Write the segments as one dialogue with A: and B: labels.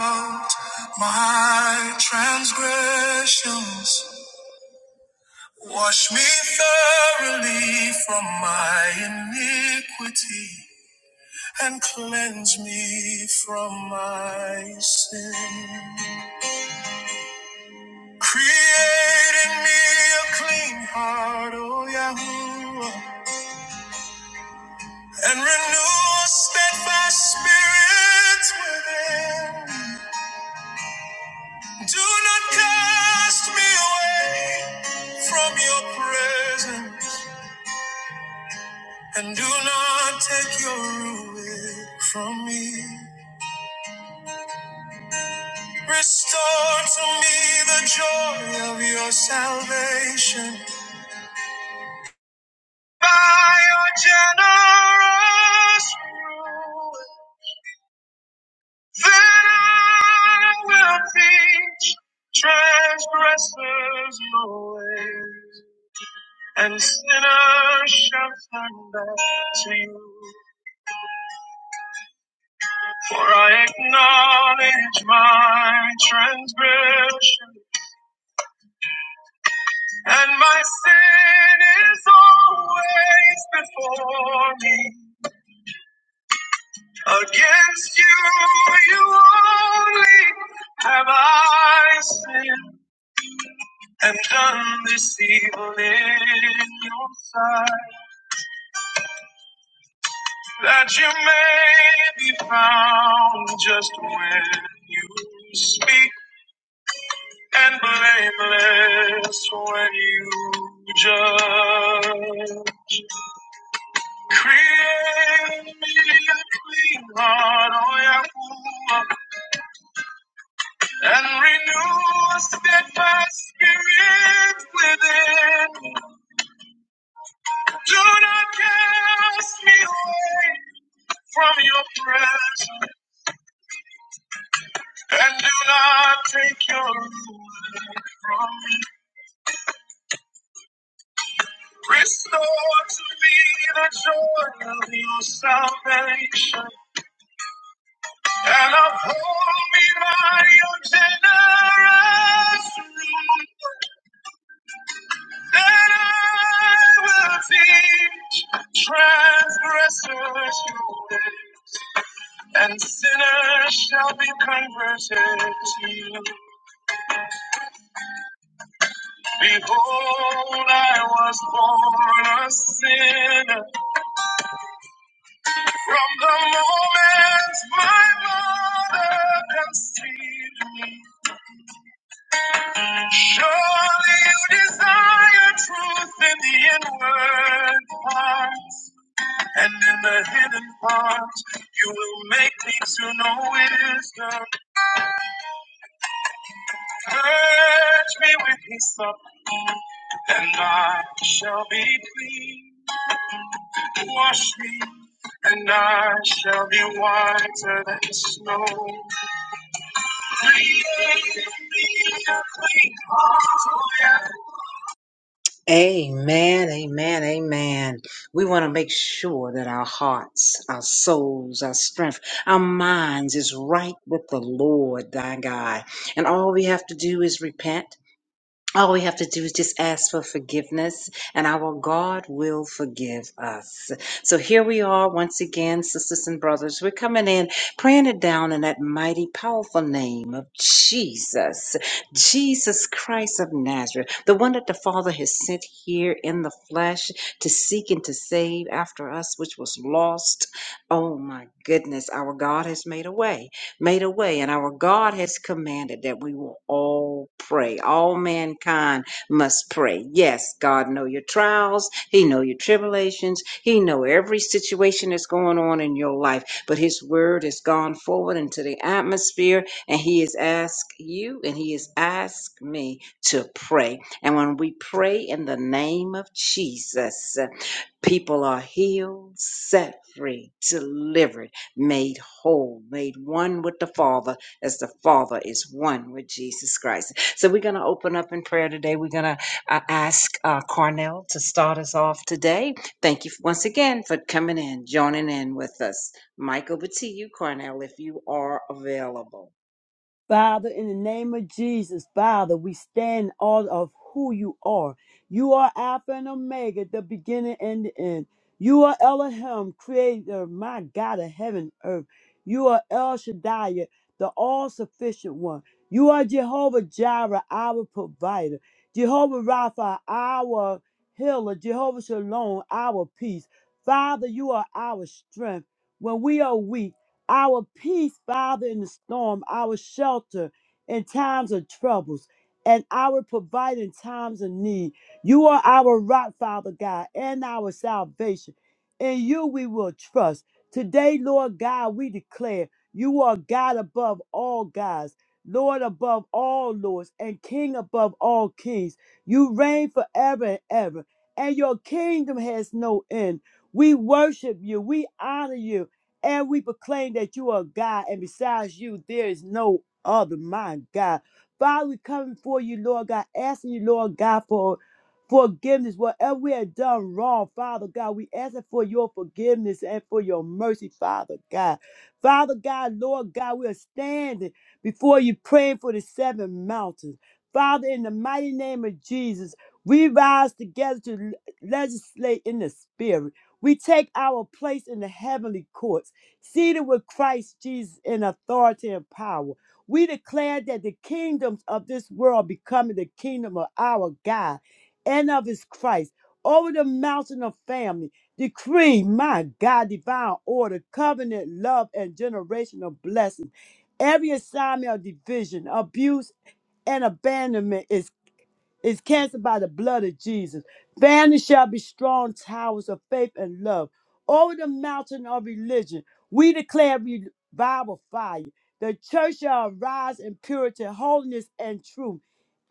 A: out my transgressions. Wash me thoroughly from my iniquity and cleanse me from my sin. Create in me a clean heart, O Yahweh, and renew a steadfast spirit within. Do not cast me away from your presence. And do not take your ruin from me. Restore to me the joy of your salvation. By your generous rule, then I will teach transgressors your ways, and sinners shall turn back to you. For I acknowledge my transgression. And my sin is always before me. Against you, you only have I sinned and done this evil in your sight, that you may be found just when you speak and blameless when you judge. Create me a clean heart, O Yahuwah, and renew a steadfast spirit within. Do not cast me away from your presence, and do not take your away from me. Restore to me the joy of your salvation, and uphold me by your generous love. Then I will teach transgressors your way, and sinners shall be converted to you. Behold, I was born a sinner from the moment my mother conceived me. Surely you desire truth in the inward parts. And in the hidden parts, you will make me to know wisdom. Purge me with hyssop, and I shall be clean. Wash me, and I shall be whiter than snow. Create in me a clean heart, O Yahweh, Amen, amen, amen. We want to make sure that our hearts, our souls, our strength, our minds is right with the Lord thy God. And all we have to do is repent all we have to do is just ask for forgiveness, and our God will forgive us. So here we are once again, sisters and brothers. We're coming in, praying it down in that mighty, powerful name of Jesus, Jesus Christ of Nazareth, the one that the Father has sent here in the flesh to seek and to save after us, which was lost. Oh my goodness, our God has made a way made a way, and our God has commanded that we will all pray. All mankind must pray. Yes, God know your trials, He know your tribulations, He know every situation that's going on in your life. But His word has gone forward into the atmosphere, and He has asked you, and He has asked me to pray. And when we pray in the name of Jesus, people are healed, set free, delivered made whole, made one with the Father as the Father is one with Jesus Christ. So we're going to open up in prayer today. We're going to uh, ask uh, Cornell to start us off today. Thank you once again for coming in, joining in with us. Mike, over to you, Cornell, if you are available.
B: Father, in the name of Jesus, Father, we stand in awe of who you are. You are Alpha and Omega, the beginning and the end. You are Elohim, creator, my God of heaven and earth. You are El Shaddai, the all sufficient one. You are Jehovah Jireh, our provider. Jehovah Rapha, our healer. Jehovah Shalom, our peace. Father, you are our strength. When we are weak, our peace, Father, in the storm, our shelter in times of troubles, and our provider in times of need. You are our rock, Father God, and our salvation. In you we will trust. Today, Lord God, we declare you are God above all gods, Lord above all lords, and King above all kings. You reign forever and ever, and your kingdom has no end. We worship you, we honor you, and we proclaim that you are God, and besides you, there is no other, my God. Father, we come before you, Lord God, asking you, Lord God, for forgiveness. Whatever we have done wrong, Father God, we asking for your forgiveness and for your mercy, Father God. Father God, Lord God, we are standing before you praying for the seven mountains. Father, in the mighty name of Jesus, we rise together to legislate in the spirit. We take our place in the heavenly courts seated with Christ Jesus in authority and power. We declare that the kingdoms of this world becoming the kingdom of our God and of his Christ over the mountain of family. Decree, my God, divine order, covenant, love, and generational blessings. Every assignment of division, abuse, and abandonment is is canceled by the blood of Jesus. Families shall be strong towers of faith and love. Over the mountain of religion, we declare revival fire. The church shall rise in purity, holiness, and truth.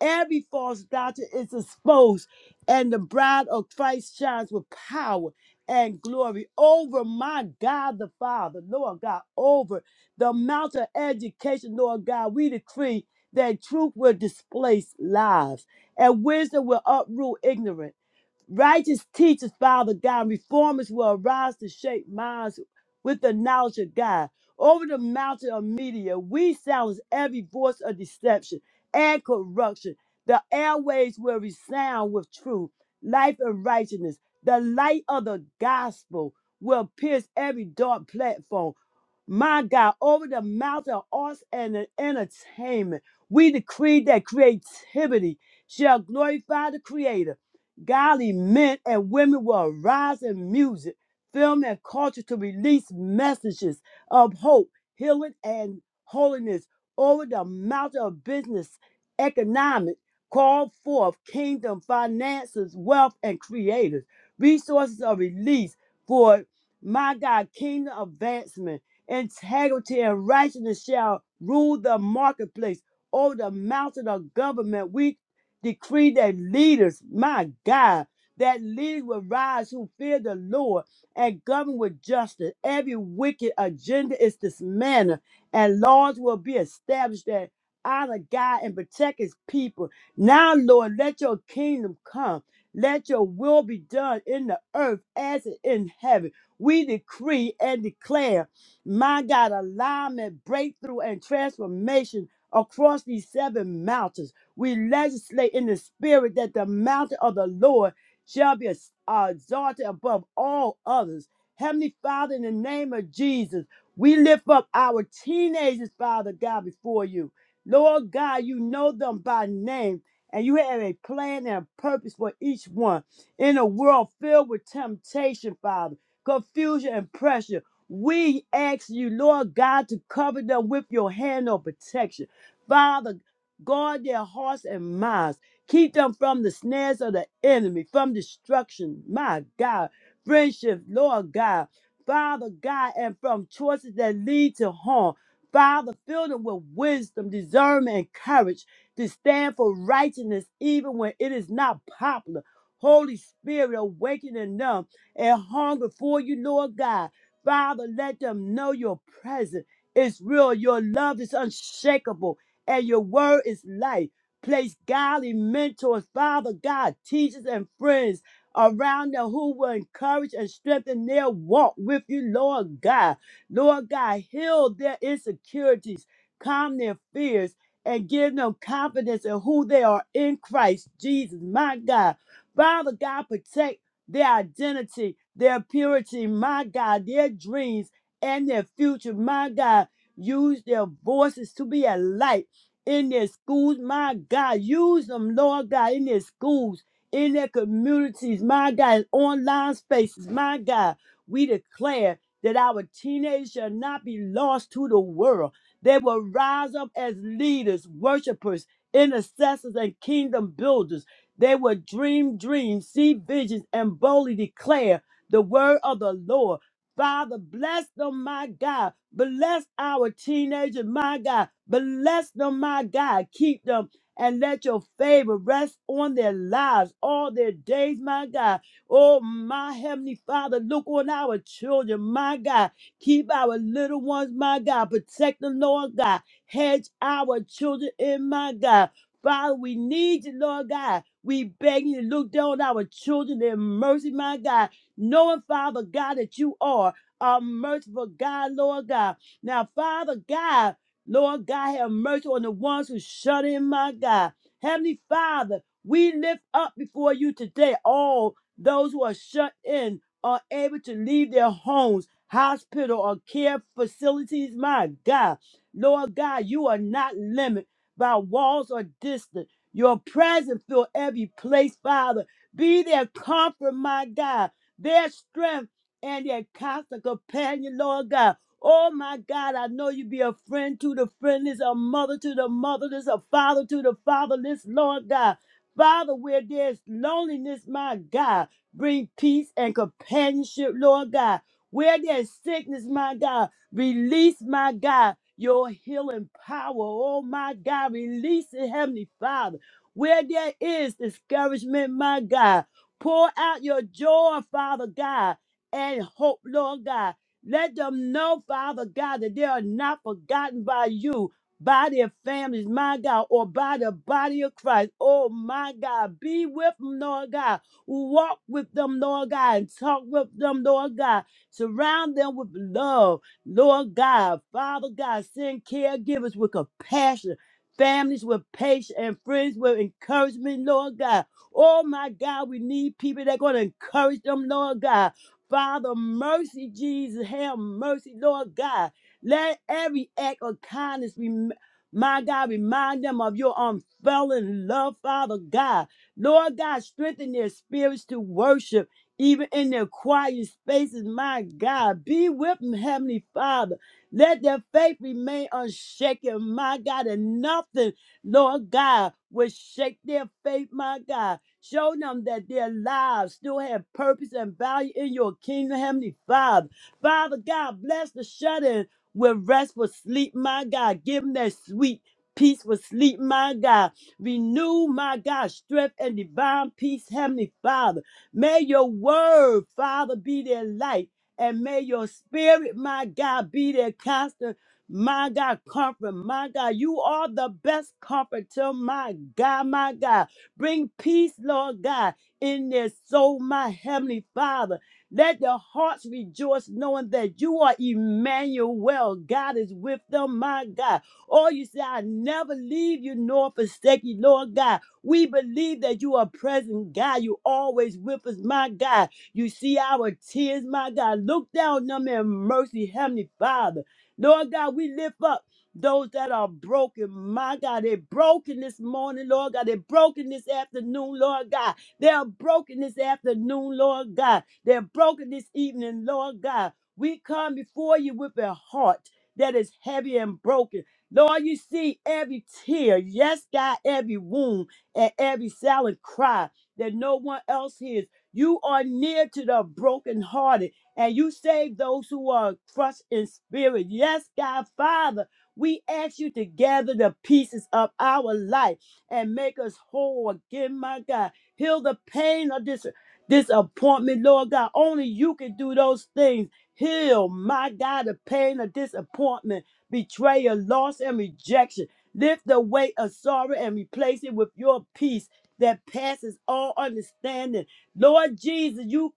B: Every false doctrine is exposed, and the bride of Christ shines with power and glory over my God the Father, Lord God, over the mountain of education, Lord God. We decree that truth will displace lies and wisdom will uproot ignorance. Righteous teachers, Father God, and reformers will arise to shape minds with the knowledge of God. Over the mountain of media, we silence every voice of deception and corruption. The airways will resound with truth, life, and righteousness. The light of the gospel will pierce every dark platform. My God, over the mountain of arts and entertainment, we decree that creativity shall glorify the Creator Godly men and women will rise in music, film, and culture to release messages of hope, healing, and holiness over the mountain of business, economic, call forth kingdom finances, wealth, and creators. Resources are released for my God, kingdom advancement, integrity, and righteousness shall rule the marketplace. Over the mountain of government, we Decree that leaders, my God, that leaders will rise who fear the Lord and govern with justice. Every wicked agenda is dismantled, and laws will be established that honor God and protect his people. Now, Lord, let your kingdom come. Let your will be done in the earth as it in heaven. We decree and declare, my God, alignment, breakthrough, and transformation across these seven mountains. We legislate in the spirit that the mountain of the Lord shall be ex- uh, exalted above all others. Heavenly Father, in the name of Jesus, we lift up our teenagers, Father God, before you. Lord God, you know them by name, and you have a plan and a purpose for each one. In a world filled with temptation, Father, confusion and pressure, we ask you, Lord God, to cover them with your hand of protection. Father Guard their hearts and minds. Keep them from the snares of the enemy, from destruction. My God. Friendship, Lord God. Father God, and from choices that lead to harm. Father, fill them with wisdom, discernment, and courage to stand for righteousness even when it is not popular. Holy Spirit, awakening them and hunger for you, Lord God. Father, let them know your presence is real. Your love is unshakable and your word is life. Place godly mentors, Father God, teachers, and friends around them who will encourage and strengthen their walk with you, Lord God. Lord God, heal their insecurities, calm their fears, and give them confidence in who they are in Christ Jesus, my God. Father God, protect their identity, their purity, my God, their dreams and their future, my God. Use their voices to be a light in their schools. My God, use them, Lord God, in their schools, in their communities, my God, in online spaces, my God. We declare that our teenagers shall not be lost to the world. They will rise up as leaders, worshipers, intercessors, and kingdom builders. They will dream dreams, see visions, and boldly declare the word of the Lord. Father, bless them, my God. Bless our teenagers, my God. Bless them, my God. Keep them and let your favor rest on their lives all their days, my God. Oh, my Heavenly Father, look on our children, my God. Keep our little ones, my God. Protect them, Lord God. Hedge our children in, my God. Father, we need you, Lord God. We beg you to look down on our children in mercy, my God knowing, Father God, that you are a merciful God, Lord God. Now, Father God, Lord God, have mercy on the ones who shut in, my God. Heavenly Father, we lift up before you today all those who are shut in, are able to leave their homes, hospital, or care facilities, my God. Lord God, you are not limited by walls or distance. Your presence fill every place, Father. Be their comfort, my God their strength and their constant companion, Lord God. Oh my God, I know you be a friend to the friendless, a mother to the motherless, a father to the fatherless, Lord God. Father, where there's loneliness, my God, bring peace and companionship, Lord God. Where there's sickness, my God, release, my God, your healing power. Oh my God, release it, Heavenly Father. Where there is discouragement, my God, Pour out your joy, Father God, and hope, Lord God. Let them know, Father God, that they are not forgotten by you, by their families, my God, or by the body of Christ. Oh, my God, be with them, Lord God. Walk with them, Lord God, and talk with them, Lord God. Surround them with love, Lord God. Father God, send caregivers with compassion, families with patience, and friends with encouragement, Lord God. Oh my God, we need people that going to encourage them, Lord God. Father, mercy, Jesus, have mercy, Lord God. Let every act of kindness, rem- my God, remind them of your unfailing love, Father God. Lord God, strengthen their spirits to worship, even in their quiet spaces, my God. Be with them, Heavenly Father. Let their faith remain unshaken, my God, and nothing. Lord God, will shake their faith, my God. Show them that their lives still have purpose and value in your kingdom, Heavenly Father. Father God, bless the shut in with restful sleep, my God. Give them that sweet peaceful sleep, my God. Renew, my God, strength and divine peace, Heavenly Father. May your word, Father, be their light. And may your spirit, my God, be their constant my God, comfort, my God, you are the best comforter, my God, my God. Bring peace, Lord God, in their soul, my heavenly Father. Let their hearts rejoice, knowing that you are Emmanuel. God is with them, my God. Oh, you say, I never leave you nor forsake you, Lord God. We believe that you are present, God. You always with us, my God. You see our tears, my God. Look down on them in mercy, Heavenly Father. Lord God, we lift up those that are broken. My God, they're broken this morning, Lord God. They're broken this afternoon, Lord God. They are broken this afternoon, Lord God. They're broken this evening, Lord God. We come before you with a heart that is heavy and broken. Lord, you see every tear, yes, God, every wound and every silent cry that no one else hears. You are near to the brokenhearted and you save those who are crushed in spirit. Yes, God, Father, we ask you to gather the pieces of our life and make us whole again, my God. Heal the pain of this disappointment, Lord God. Only you can do those things. Heal, my God, the pain of disappointment, betrayal, loss, and rejection. Lift the weight of sorrow and replace it with your peace that passes all understanding. Lord Jesus, you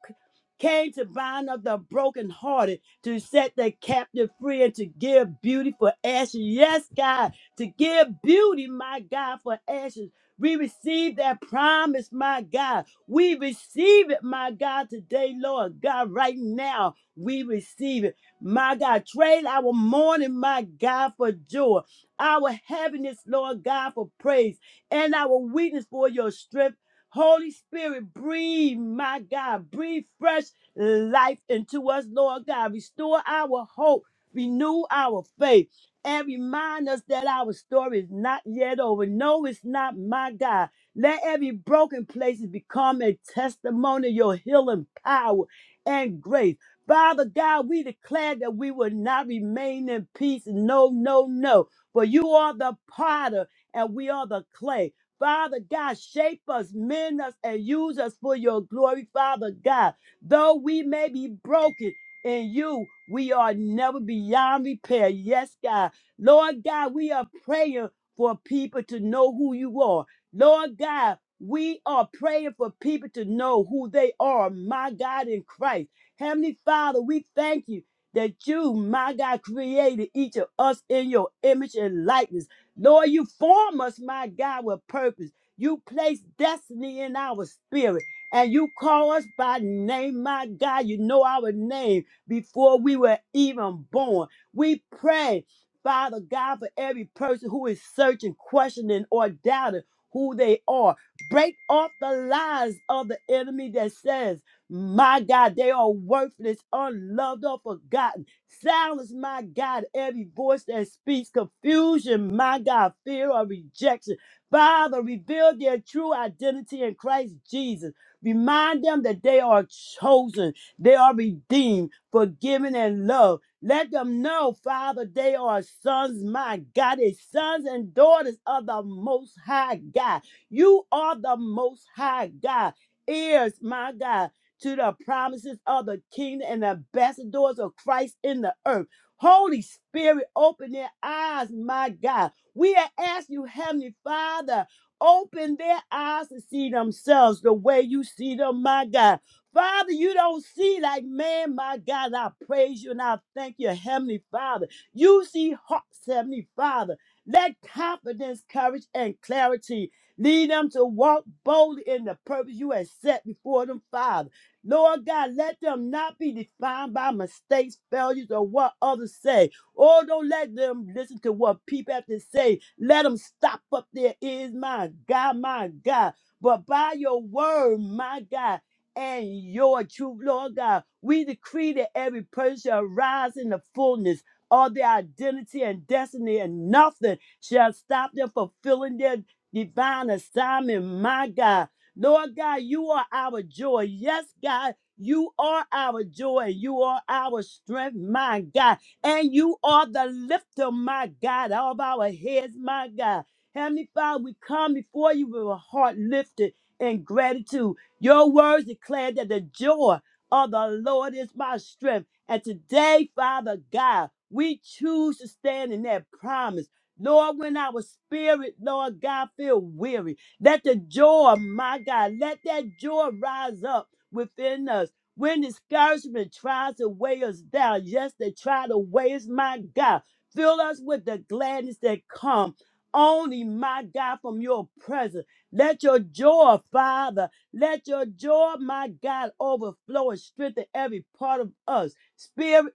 B: came to bind up the brokenhearted, to set the captive free, and to give beauty for ashes. Yes, God, to give beauty, my God, for ashes. We receive that promise, my God. We receive it, my God, today, Lord God, right now. We receive it, my God. Trade our mourning, my God, for joy, our heaviness, Lord God, for praise, and our weakness for your strength. Holy Spirit, breathe, my God, breathe fresh life into us, Lord God. Restore our hope, renew our faith, and remind us that our story is not yet over. No, it's not, my God. Let every broken place become a testimony of your healing power and grace. Father God, we declare that we will not remain in peace. No, no, no. For you are the potter and we are the clay. Father God, shape us, mend us, and use us for your glory, Father God. Though we may be broken in you, we are never beyond repair. Yes, God. Lord God, we are praying for people to know who you are. Lord God, we are praying for people to know who they are, my God in Christ. Heavenly Father, we thank you that you, my God, created each of us in your image and likeness. Lord, you form us, my God, with purpose. You place destiny in our spirit and you call us by name, my God. You know our name before we were even born. We pray, Father God, for every person who is searching, questioning, or doubting who they are. Break off the lies of the enemy that says, my God, they are worthless, unloved, or forgotten. Silence, my God, every voice that speaks confusion, my God, fear or rejection. Father, reveal their true identity in Christ Jesus. Remind them that they are chosen, they are redeemed, forgiven, and loved. Let them know, Father, they are sons, my God, they sons and daughters of the Most High God. You are the Most High God. Ears, my God to the promises of the kingdom and ambassadors of Christ in the earth. Holy Spirit, open their eyes, my God. We are asking you, Heavenly Father, open their eyes to see themselves the way you see them, my God. Father, you don't see like man, my God. I praise you and I thank you, Heavenly Father. You see hearts, Heavenly Father. Let confidence, courage, and clarity lead them to walk boldly in the purpose you have set before them, Father. Lord God, let them not be defined by mistakes, failures, or what others say. Oh, don't let them listen to what people have to say. Let them stop up their ears, my God, my God. But by your word, my God, and your truth, Lord God, we decree that every person shall rise in the fullness of their identity and destiny, and nothing shall stop them fulfilling their divine assignment, my God. Lord God, you are our joy. Yes, God, you are our joy. You are our strength, my God. And you are the lifter, my God, of our heads, my God. Heavenly Father, we come before you with a heart lifted in gratitude. Your words declare that the joy of the Lord is my strength. And today, Father God, we choose to stand in that promise. Lord, when our spirit, Lord God, feel weary. Let the joy, my God, let that joy rise up within us. When discouragement tries to weigh us down, yes, they try to weigh us, my God. Fill us with the gladness that come only, my God, from your presence. Let your joy, Father, let your joy, my God, overflow and strengthen every part of us, spirit,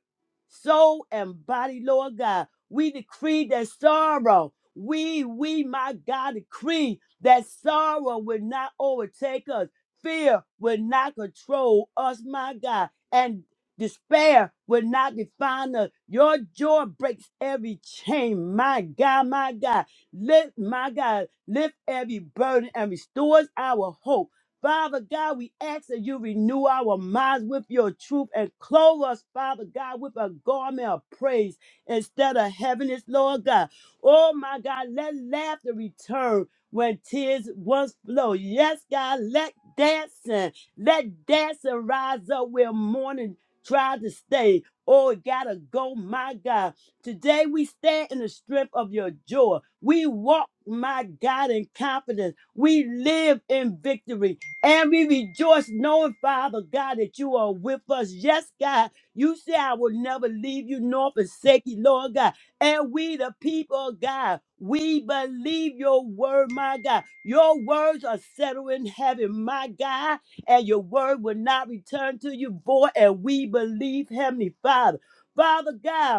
B: soul, and body, Lord God. We decree that sorrow, we, we, my God, decree that sorrow would not overtake us, fear would not control us, my God, and despair would not define us. Your joy breaks every chain, my God, my God. Lift, my God, lift every burden and restores our hope. Father God, we ask that you renew our minds with your truth and clothe us, Father God, with a garment of praise instead of heaviness, Lord God. Oh my God, let laughter return when tears once flow. Yes, God, let dancing, let dancing rise up where mourning tries to stay. Oh, it gotta go, my God. Today we stand in the strength of your joy. We walk, my God, in confidence. We live in victory. And we rejoice knowing, Father God, that you are with us. Yes, God, you say I will never leave you nor forsake you, Lord God. And we, the people of God, we believe your word, my God. Your words are settled in heaven, my God, and your word will not return to you void. And we believe, Heavenly Father. Father God,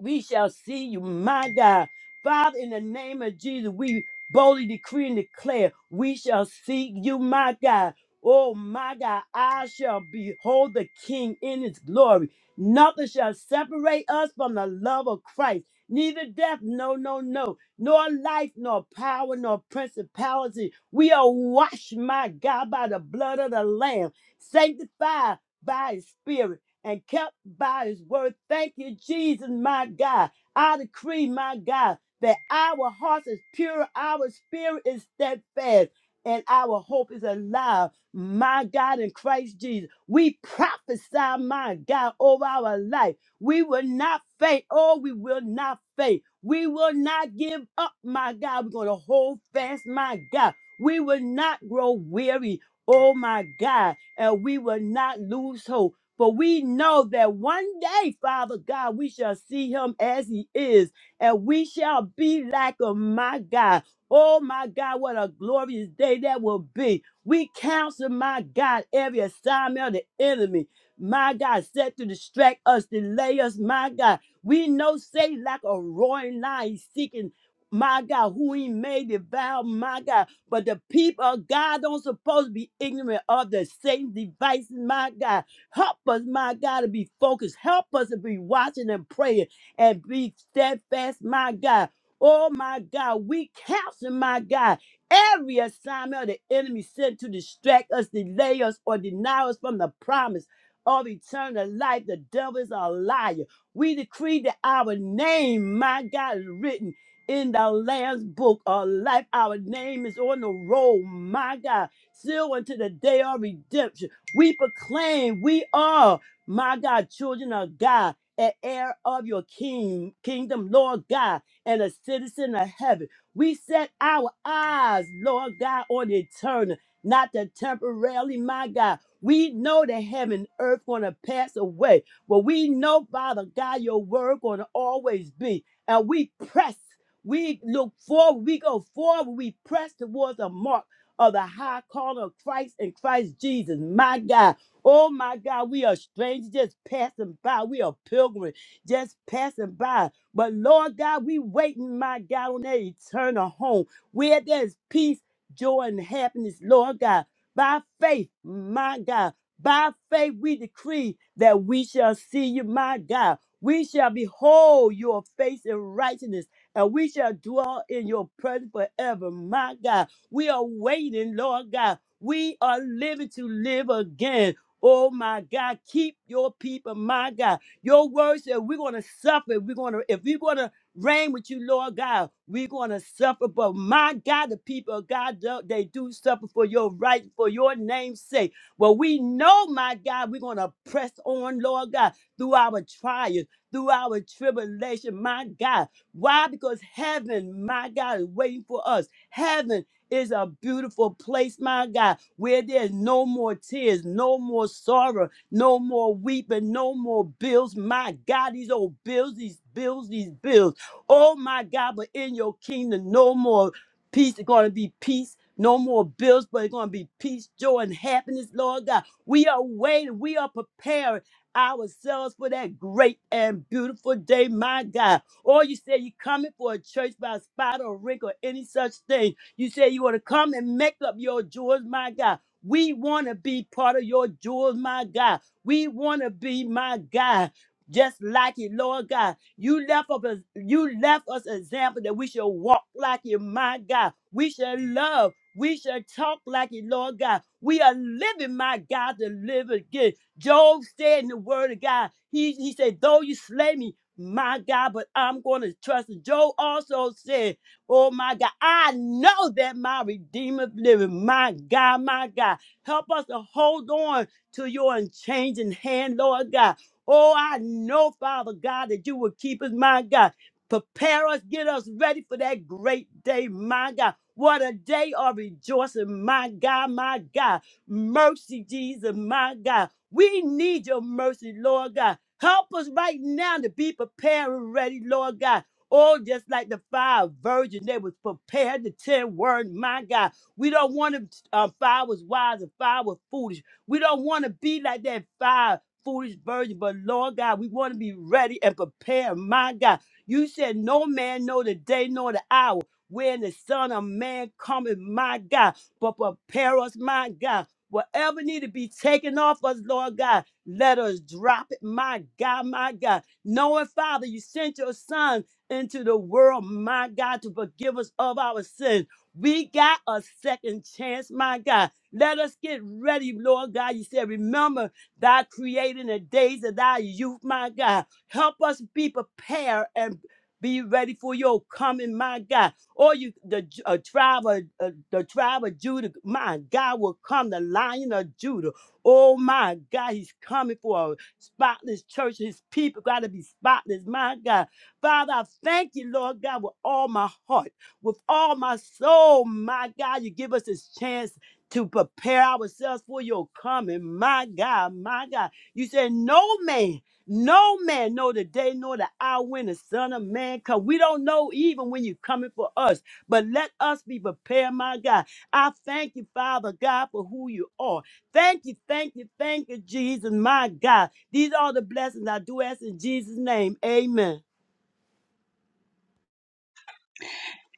B: we shall see you, my God. Father, in the name of Jesus, we boldly decree and declare, we shall see you, my God. Oh, my God, I shall behold the King in his glory. Nothing shall separate us from the love of Christ. Neither death, no, no, no, nor life, nor power, nor principality. We are washed, my God, by the blood of the Lamb, sanctified by his Spirit and kept by his word. Thank you, Jesus, my God. I decree, my God, that our heart is pure, our spirit is steadfast, and our hope is alive, my God, in Christ Jesus. We prophesy, my God, over our life. We will not faint. Oh, we will not faint. We will not give up, my God. We're going to hold fast, my God. We will not grow weary, oh, my God. And we will not lose hope. For we know that one day, Father God, we shall see him as he is, and we shall be like him, my God. Oh my God, what a glorious day that will be. We counsel, my God, every assignment of the enemy. My God, set to distract us, delay us, my God. We know Satan like a roaring lion he's seeking, my God, who he may devour, my God. But the people of God don't supposed to be ignorant of the Satan's devices, my God. Help us, my God, to be focused. Help us to be watching and praying and be steadfast, my God. Oh, my God, we counsel, my God, every assignment of the enemy sent to distract us, delay us, or deny us from the promise of eternal life. The devil is a liar. We decree that our name, my God, is written in the Lamb's book of life. Our name is on the roll, my God, sealed until the day of redemption. We proclaim we are, my God, children of God, an heir of your king, kingdom, Lord God, and a citizen of heaven. We set our eyes, Lord God, on the eternal, not the temporarily, my God. We know that heaven and earth gonna pass away, but we know, Father God, your word gonna always be. And we press, we look forward, we go forward, we press towards a mark of the high calling of Christ and Christ Jesus. My God. Oh my God, we are strangers just passing by. We are pilgrims just passing by. But Lord God, we waiting, my God, on that eternal home where there's peace, joy, and happiness, Lord God. By faith, my God, by faith we decree that we shall see you, my God. We shall behold your face in righteousness, and we shall dwell in your presence forever, my God. We are waiting, Lord God. We are living to live again. Oh my God, keep your people, my God. Your word said we're gonna suffer. We're gonna if we're gonna reign with you, Lord God, we're gonna suffer. But my God, the people of God do- they do suffer for your right, for your name's sake. Well, we know, my God, we're gonna press on, Lord God, through our trials, through our tribulation, my God. Why? Because heaven, my God, is waiting for us. Heaven is a beautiful place, my God, where there's no more tears, no more sorrow, no more weeping, no more bills. My God, these old bills, these bills, these bills. Oh, my God, but in your kingdom, no more peace. It's going to be peace. No more bills, but it's going to be peace, joy, and happiness, Lord God. We are waiting. We are preparing ourselves for that great and beautiful day, my God. Or you say you're coming for a church by spot or wrinkle or any such thing. You said you want to come and make up your jewels, my God. We want to be part of your jewels, my God. We want to be, my God. Just like you, Lord God. You left us, you left us example that we should walk like you, my God. We should love. We should talk like you, Lord God. We are living, my God, to live again. Job said in the word of God, he, he said, though you slay me, my God, but I'm going to trust. you." Job also said, Oh my God, I know that my Redeemer living. My God, my God, help us to hold on to your unchanging hand, Lord God. Oh, I know, Father God, that you will keep us, my God. Prepare us, get us ready for that great day, my God. What a day of rejoicing, my God, my God. Mercy, Jesus, my God. We need your mercy, Lord God. Help us right now to be prepared and ready, Lord God. Oh, just like the five virgins, they was prepared to ten word. My God, we don't want to. Uh, five was wise and five was foolish. We don't want to be like that five foolish virgin. But Lord God, we want to be ready and prepared. My God, you said no man know the day nor the hour when the Son of Man cometh. My God, but prepare us, my God. Whatever need to be taken off us, Lord God, let us drop it, my God, my God. Knowing, Father, you sent your Son into the world, my God, to forgive us of our sins. We got a second chance, my God. Let us get ready, Lord God. You said, remember thy creating the days of thy youth, my God. Help us be prepared and be ready for your coming, my God. Or you, the J- uh, tribe of uh, the tribe of Judah, my God, will come. The Lion of Judah, oh my God, he's coming for a spotless church. His people got to be spotless, my God. Father, I thank you, Lord God, with all my heart, with all my soul. My God, you give us this chance to prepare ourselves for your coming. My God, my God. You said, No man, no man know the day nor the hour when the Son of Man come. We don't know even when you're coming for us, but let us be prepared, my God. I thank you, Father God, for who you are. Thank you, thank you, thank you, Jesus, my God. These are the blessings I do ask in Jesus' name. Amen.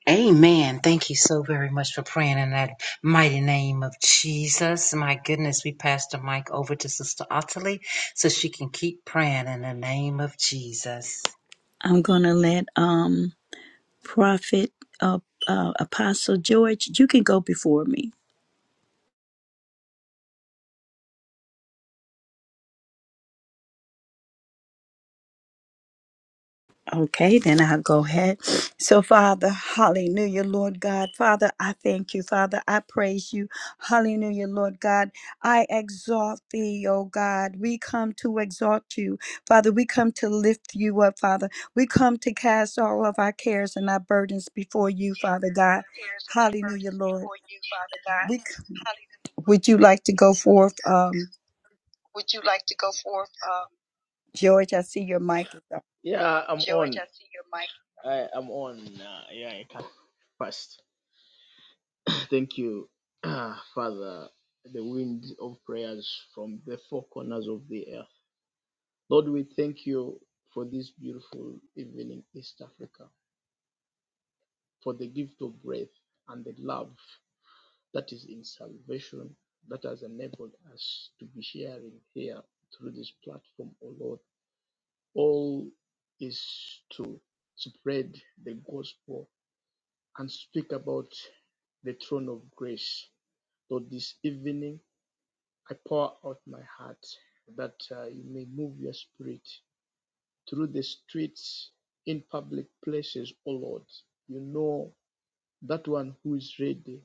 A: Amen. Thank you so very much for praying in that mighty name of Jesus. My goodness, we pass the mic over to Sister Ottilie so she can keep praying in the name of Jesus.
C: I'm gonna let um Prophet uh, uh Apostle George, you can go before me. Okay, then I'll go ahead. So, Father, hallelujah, Lord God. Father, I thank you. Father, I praise you. Hallelujah, Lord God. I exalt thee, O God. We come to exalt you. Father, we come to lift you up, Father. We come to cast all of our cares and our burdens before you, Father God.
D: cares and my
C: Hallelujah,
D: burdens
C: Lord.
D: before you, Father God.
C: We,
D: Hallelujah.
C: would you like to go forth? Um,
D: Would you like to go forth, um,
C: George, I see your mic is up.
D: Yeah, I'm George? on. I see your mic. I, I'm on. Uh, yeah, I can. First, thank you, uh, Father, the wind of prayers from the four corners of the earth. Lord, we thank you for this beautiful evening, East Africa, for the gift of breath and the love. That is in salvation that has enabled us to be sharing here through this platform, O Lord. All is to spread the gospel and speak about the throne of grace. Lord, this evening I pour out my heart that uh, you may move your spirit through the streets in public places, O Lord. You know that one who is ready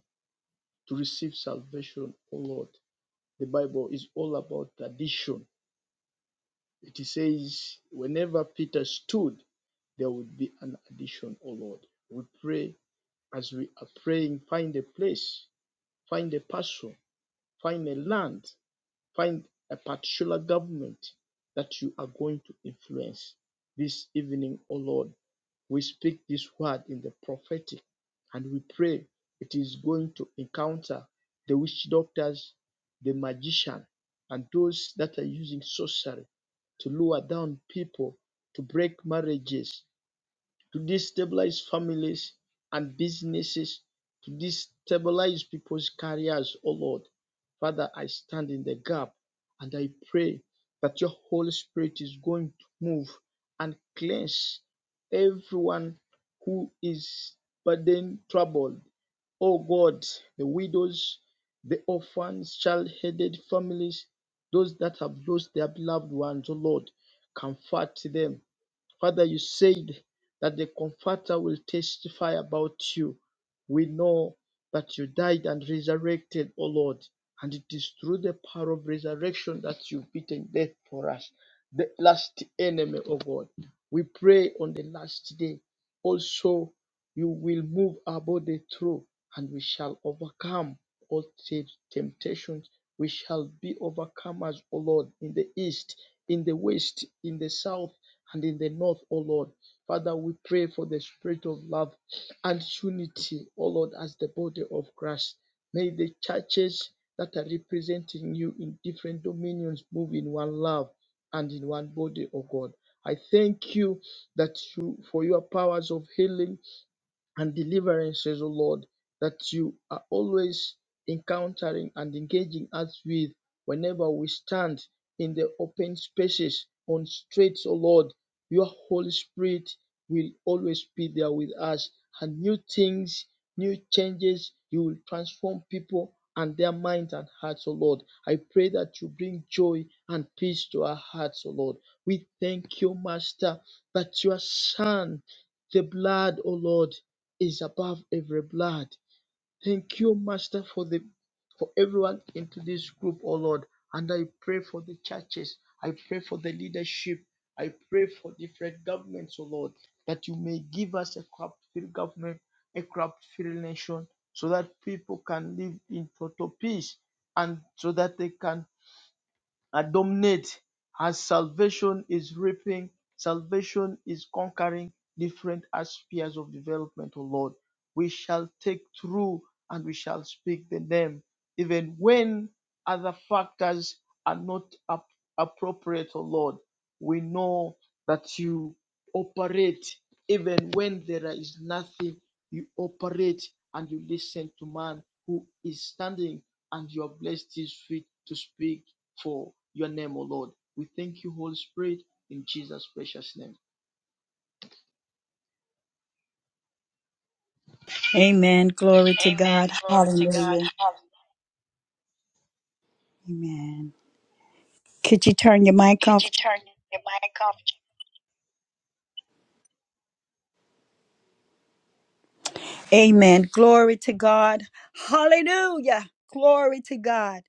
D: to receive salvation, O Lord. The Bible is all about addition. It says, whenever Peter stood, there would be an addition, O Lord. We pray as we are praying, find a place, find a person, find a land, find a particular government that you are going to influence this evening, O Lord. We speak this word in the prophetic and we pray it is going to encounter the witch doctors, the magician, and those that are using sorcery to lower down people, to break marriages, to destabilize families and businesses, to destabilize people's careers, oh Lord. Father, I stand in the gap and I pray that your Holy Spirit is going to move and cleanse everyone who is burdened, troubled. Oh God, the widows, the orphans, child headed families, those that have lost their beloved ones, oh Lord, comfort them Father, you said that the Comforter will testify about you. We know that you died and resurrected, O Lord, and it is through the power of resurrection that you've beaten death for us, the last enemy, O God. We pray on the last day also you will move our body through, and we shall overcome all temptations we shall be overcomers, O Lord, in the east, in the west, in the south, and in the north, O Lord. Father, we pray for the spirit of love and unity, O Lord, as the body of Christ. May the churches that are representing you in different dominions move in one love and in one body, O God. I thank you that you for your powers of healing and deliverances, O Lord, that you are always encountering and engaging us with whenever we stand in the open spaces on streets, O Lord. Your Holy Spirit will always be there with us, and new things, new changes, you will transform people and their minds and hearts, O Lord. I pray that you bring joy and peace to our hearts, O Lord. We thank you, Master, that your Son, the blood, O Lord, is above every blood. Thank you, Master, for the for everyone into this group, oh Lord. And I pray for the churches. I pray for the leadership. I pray for different governments, oh Lord, that you may give us a corrupt-free government, a corrupt-free nation, so that people can live in total peace and so that they can and dominate as salvation is reaping, salvation is conquering different aspects of development, O Lord. We shall take through and we shall speak the name, even when other factors are not ap- appropriate, O Lord. We know that you operate even when there is nothing, you operate and you listen to man who is standing and you have blessed his feet to speak for your name, O Lord. We thank you, Holy Spirit, in Jesus' precious name.
C: Amen. Glory to
D: Amen.
C: God.
D: Glory to God.
C: Hallelujah.
D: Hallelujah.
C: Amen. Could you turn your mic
D: Could
C: off?
D: you turn your mic off?
C: Amen. Glory to God. Hallelujah. Glory to God.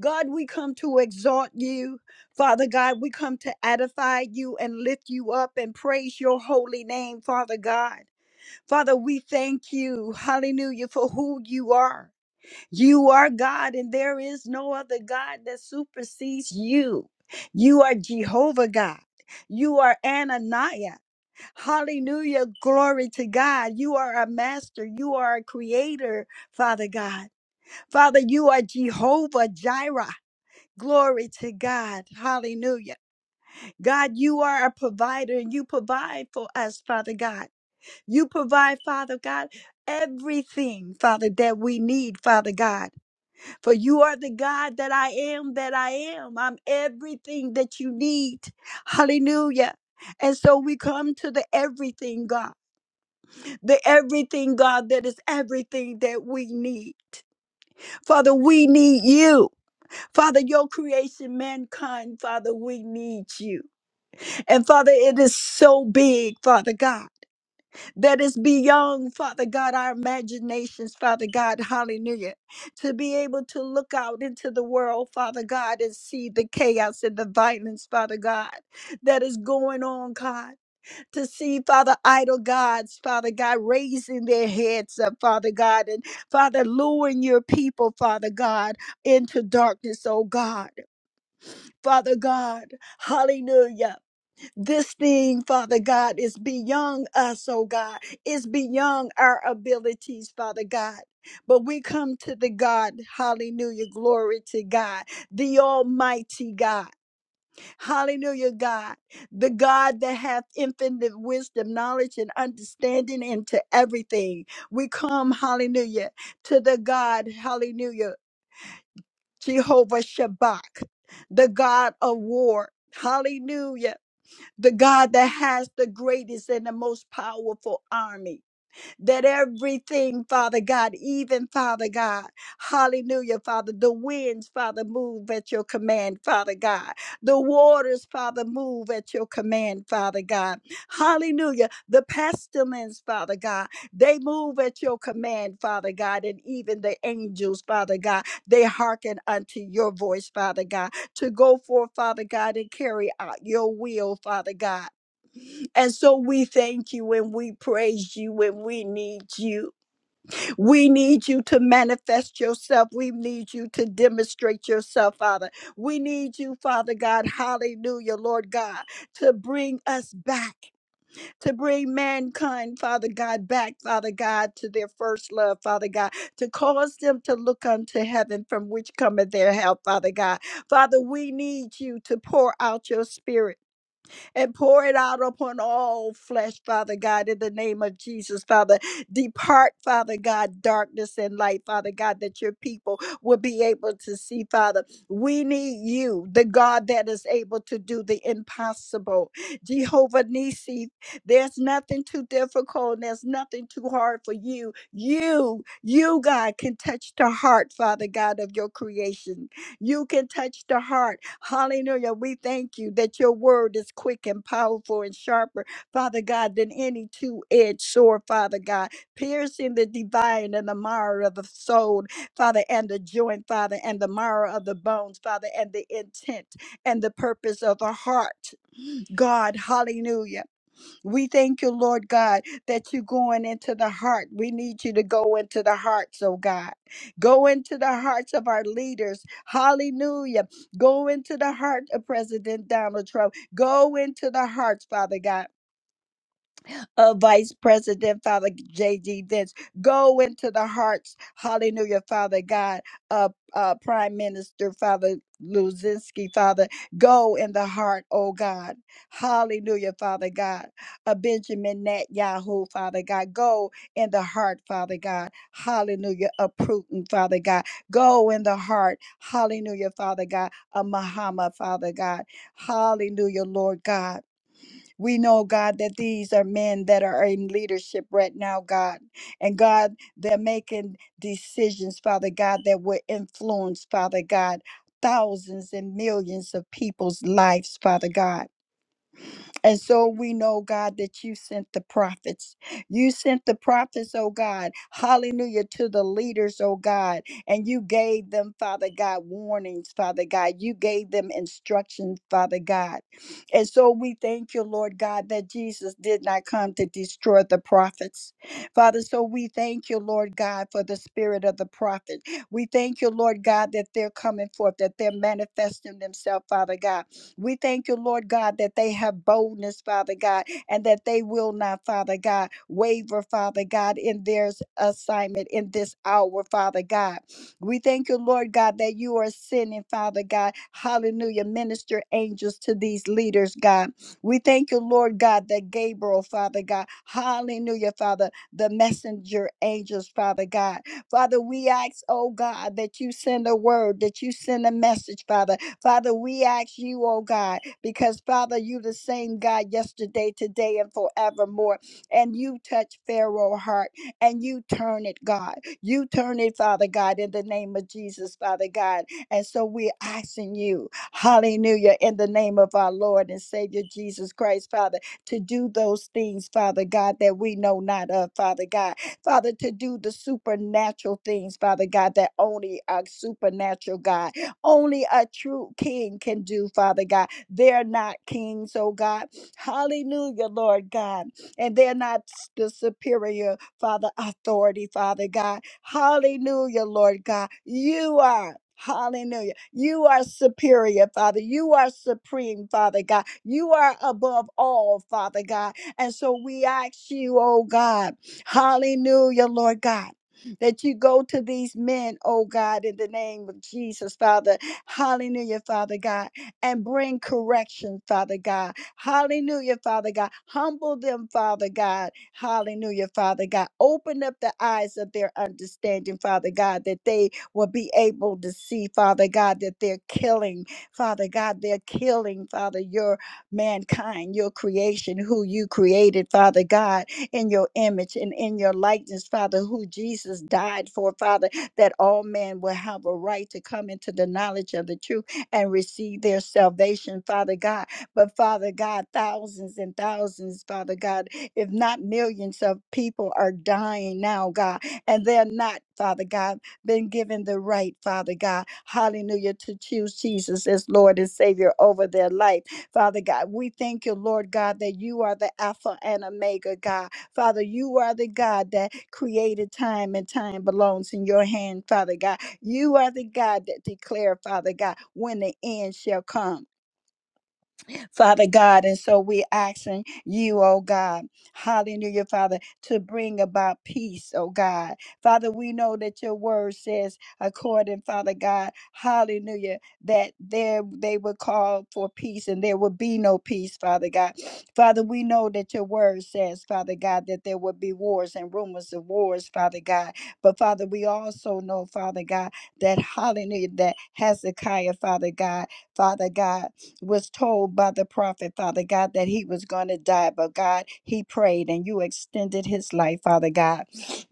C: God, we come to exalt you. Father God, we come to edify you and lift you up and praise your holy name, Father God. Father, we thank you, hallelujah, for who you are. You are God, and there is no other God that supersedes you. You are Jehovah God. You are Ananiah. Hallelujah. Glory to God. You are a master. You are a creator, Father God. Father, you are Jehovah Jireh. Glory to God. Hallelujah. God, you are a provider and you provide for us, Father God. You provide, Father God, everything, Father, that we need, Father God. For you are the God that I am, that I am. I'm everything that you need. Hallelujah. And so we come to the everything God, the everything God that is everything that we need. Father, we need you. Father, your creation, mankind, Father, we need you. And Father, it is so big, Father God. that is beyond, Father God, our imaginations, Father God, hallelujah. To be able to look out into the world, Father God, and see the chaos and the violence, Father God, that is going on, God. To see, Father, idol gods, Father God, raising their heads up, Father God, and Father, luring your people, Father God, into darkness, oh God. Father God, hallelujah. This thing, Father God, is beyond us, oh God. It's beyond our abilities, Father God. But we come to the God, hallelujah, glory to God, the Almighty God, hallelujah, God, the God that hath infinite wisdom, knowledge, and understanding into everything. We come, hallelujah, to the God, hallelujah, Jehovah Shabbat, the God of war, hallelujah the God that has the greatest and the most powerful army that everything, Father God, even Father God, hallelujah, Father, the winds, Father, move at your command, Father God. The waters, Father, move at your command, Father God. Hallelujah. The pestilence, Father God, they move at your command, Father God, and even the angels, Father God, they hearken unto your voice, Father God, to go forth, Father God, and carry out your will, Father God. And so we thank you and we praise you and we need you. We need you to manifest yourself. We need you to demonstrate yourself, Father. We need you, Father God, hallelujah, Lord God, to bring us back, to bring mankind, Father God, back, Father God, to their first love, Father God, to cause them to look unto heaven from which cometh their help, Father God. Father, we need you to pour out your spirit and pour it out upon all flesh, Father God, in the name of Jesus, Father. Depart, Father God, darkness and light, Father God, that your people will be able to see, Father. We need you, the God that is able to do the impossible. Jehovah Nisi, there's nothing too difficult, and there's nothing too hard for you. You, you, God, can touch the heart, Father God, of your creation. You can touch the heart. Hallelujah. We thank you that your word is quick and powerful and sharper, Father God, than any two edged sword, Father God, piercing the divine and the marrow of the soul, Father, and the joint, Father, and the marrow of the bones, Father, and the intent and the purpose of the heart. God, hallelujah. We thank you, Lord God, that you're going into the heart. We need you to go into the hearts, oh God. Go into the hearts of our leaders. Hallelujah. Go into the heart of President Donald Trump. Go into the hearts, Father God uh, Vice President, Father J.D. Vince. Go into the hearts, hallelujah, Father God, uh, uh, Prime Minister, Father Luzinski, Father. Go in the heart, oh God, hallelujah, Father God, uh, Benjamin Netanyahu, Father God. Go in the heart, Father God, hallelujah, of Putin, Father God. Go in the heart, hallelujah, Father God, of Muhammad, Father God, hallelujah, Lord God. We know, God, that these are men that are in leadership right now, God. And God, they're making decisions, Father God, that will influence, Father God, thousands and millions of people's lives, Father God. And so we know, God, that you sent the prophets. You sent the prophets, oh God, hallelujah, to the leaders, oh God. And you gave them, Father God, warnings, Father God. You gave them instructions, Father God. And so we thank you, Lord God, that Jesus did not come to destroy the prophets. Father, so we thank you, Lord God, for the spirit of the prophet. We thank you, Lord God, that they're coming forth, that they're manifesting themselves, Father God we thank you, Lord God, that they have boldness, Father God, and that they will not, Father God, waver, Father God, in their s- assignment in this hour, Father God. We thank you, Lord God, that you are sending, Father God, hallelujah, minister angels to these leaders, God. We thank you, Lord God, that Gabriel, Father God, hallelujah, Father, the messenger angels, Father God. Father, we ask, oh God, that you send a word, that you send a message, Father. Father, we ask you, oh God, because Father, you the same God yesterday, today, and forevermore. And you touch Pharaoh's heart and you turn it, God. You turn it, Father God, in the name of Jesus, Father God. And so we're asking you, hallelujah, in the name of our Lord and Savior Jesus Christ, Father, to do those things, Father God, that we know not of, Father God. Father, to do the supernatural things, Father God, that only a supernatural God, only a true king can do, Father God. They're not kings, oh God. Hallelujah, Lord God. And they're not s- the superior, Father, authority, Father God. Hallelujah, Lord God. You are. Hallelujah. You are superior, Father. You are supreme, Father God. You are above all, Father God. And so we ask you, oh God. Hallelujah, Lord God. That you go to these men, oh God, in the name of Jesus, Father. Hallelujah, Father God, and bring correction, Father God. Hallelujah, Father God. Humble them, Father God. Hallelujah, Father God. Open up the eyes of their understanding, Father God, that they will be able to see, Father God, that they're killing, Father God, they're killing, Father, your mankind, your creation, who you created, Father God in your image and in your likeness, Father, who Jesus died for, Father, that all men will have a right to come into the knowledge of the truth and receive their salvation, Father God. But Father God, thousands and thousands, Father God, if not millions of people are dying now, God, and they're not, Father God, been given the right, Father God, hallelujah, to choose Jesus as Lord and Savior over their life. Father God. We thank you, Lord God, that you are the Alpha and Omega, God. Father, you are the God that created time and time belongs in your hand, Father God. You are the God that declared. Father God, when the end shall come. Father God. And so we're asking you, oh God, hallelujah, Father, to bring about peace, oh God. Father, we know that your word says, according, Father God, hallelujah, that there they will call for peace and there will be no peace, Father God. Father, we know that your word says, Father God, that there will be wars and rumors of wars, Father God. But Father, we also know, Father God, that hallelujah, that Hezekiah, Father God, Father God was told by the prophet, Father God, that he was going to die, but God, he prayed and you extended his life, Father God.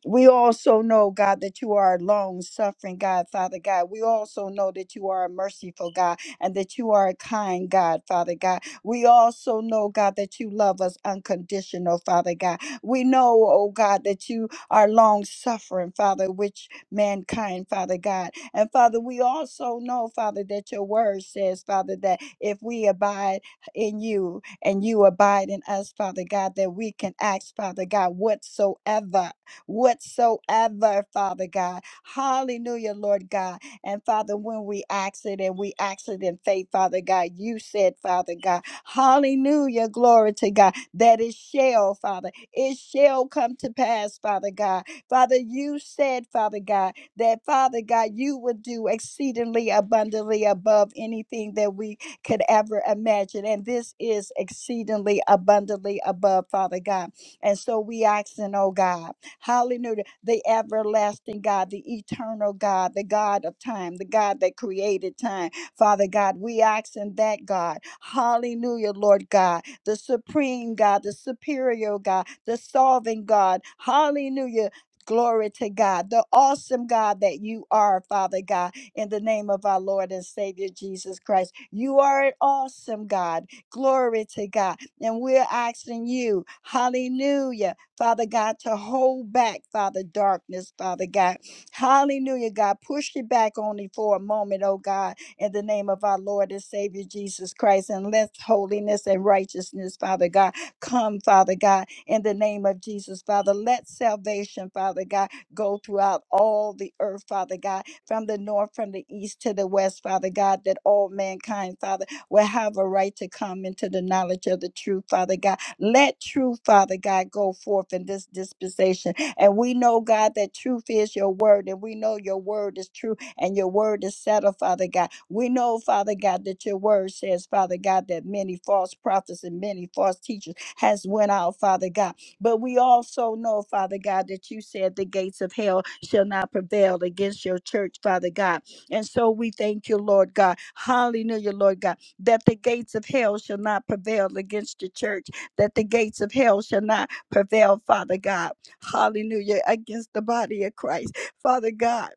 C: We also know, God, that you are a long suffering God, Father God. We also know that you are a merciful God and that you are a kind God, Father God. We also know, God, that you love us unconditional, Father God. We know, oh God, that you are long suffering, Father, which mankind, Father God. And Father, we also know, Father, that your word says, Father, that if we abide in you and you abide in us, Father God, that we can ask, Father God, whatsoever, whatsoever, Father God. Hallelujah, Lord God. And Father, when we ask it and we ask it in faith, Father God, you said, Father God, hallelujah, glory to God, that it shall, Father, it shall come to pass, Father God. Father, you said, Father God, that Father God, you would do exceedingly abundantly above anything that we could ever imagine. And this is exceedingly abundantly above, Father God. And so we asking, oh God, hallelujah, the everlasting God, the eternal God, the God of time, the God that created time, Father God. We asking that God, hallelujah, Lord God, the supreme God, the superior God, the solving God, hallelujah Glory to God, the awesome God that you are, Father God, in the name of our Lord and Savior Jesus Christ. You are an awesome God. Glory to God. And we're asking you, hallelujah, Father God, to hold back, Father, darkness, Father God. Hallelujah, God. Push it back only for a moment, oh God, in the name of our Lord and Savior Jesus Christ. And let holiness and righteousness, Father God, come, Father God in the name of Jesus, Father. Let salvation, Father God, go throughout all the earth, Father God, from the north, from the east to the west, Father God, that all mankind, Father, will have a right to come into the knowledge of the truth, Father God. Let truth, Father God, go forth in this dispensation. And we know, God, that truth is your word, and we know your word is true and your word is settled, Father God. We know, Father God, that your word says, Father God, that many false prophets and many false teachers has went out, Father God. But we also know, Father God, that you said the gates of hell shall not prevail against your church, Father God. And so we thank you, Lord God. Hallelujah, Lord God, that the gates of hell shall not prevail against the church, that the gates of hell shall not prevail, Father God. Hallelujah, against the body of Christ, Father God.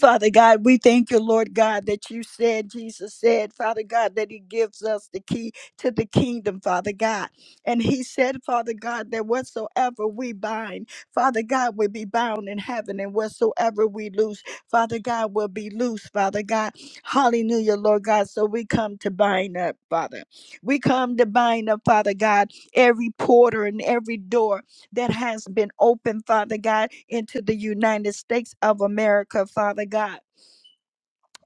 C: Father God, we thank you, Lord God, that you said, Jesus said, Father God, that He gives us the key to the kingdom, Father God. And He said, Father God, that whatsoever we bind, Father God, will be bound in heaven, and whatsoever we loose, Father God, will be loose, Father God. Hallelujah, Lord God. So we come to bind up, Father. We come to bind up, Father God, every porter and every door that has been opened, Father God, into the United States of America, Father God.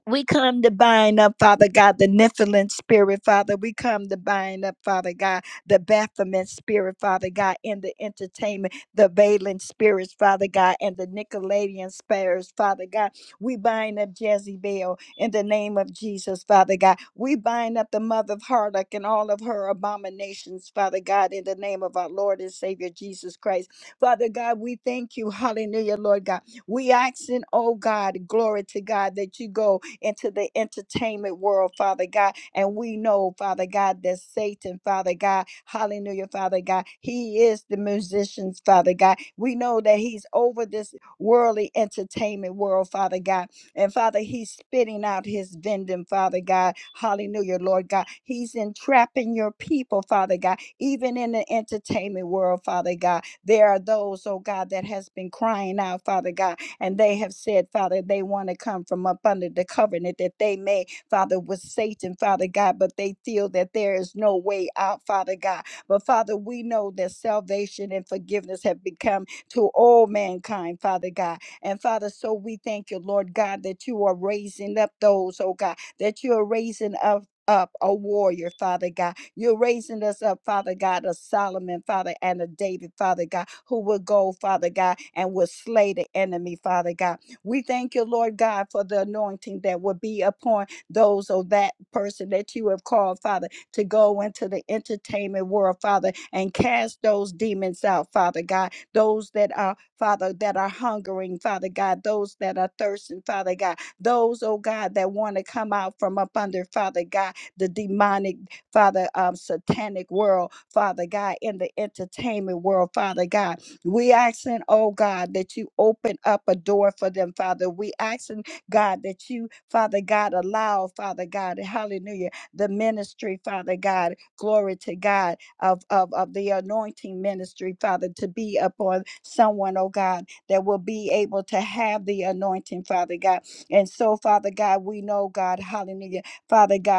C: We come to bind up, Father God, the Nephilim spirit, Father. We come to bind up, Father God, the Baphomet spirit, Father God, and the entertainment, the Valen spirits, Father God, and the Nicolaitan spirits, Father God. We bind up Jezebel in the name of Jesus, Father God. We bind up the mother of Harlock and all of her abominations, Father God, in the name of our Lord and Savior Jesus Christ. Father God, we thank you. Hallelujah, Lord God. We ask in, oh God, glory to God, that you go into the entertainment world, Father God. And we know, Father God, that Satan, Father God, hallelujah, Father God, he is the musicians, Father God. We know that he's over this worldly entertainment world, Father God. And Father, he's spitting out his venom, Father God. Hallelujah, Lord God. He's entrapping your people, Father God, even in the entertainment world, Father God. There are those, oh God, that has been crying out, Father God. And they have said, Father, they want to come from up under the covenant that they may, Father, with Satan, Father God, but they feel that there is no way out, Father God. But Father, we know that salvation and forgiveness have become to all mankind, Father God. And Father, so we thank you, Lord God, that you are raising up those, oh God, that you are raising up. Up a warrior, Father God you're raising us up, Father God, a Solomon, Father, and a David, Father God, who will go, Father God, and will slay the enemy, Father God. We thank you, Lord God, for the anointing that will be upon those or that person that you have called, Father, to go into the entertainment world, Father, and cast those demons out, Father God. Those that are, Father, that are hungering, Father God. Those that are thirsting, Father God. Those, oh God, that want to come out from up under, Father God, the demonic. Father, um, satanic world, Father God, in the entertainment world, Father God. We asking, oh God, that you open up a door for them, Father. We asking, God, that you, Father God, allow, Father God, hallelujah, the ministry, Father God, glory to God, of, of, of the anointing ministry, Father, to be upon someone, oh God, that will be able to have the anointing, Father God. And so, Father God, we know, God, hallelujah, Father God.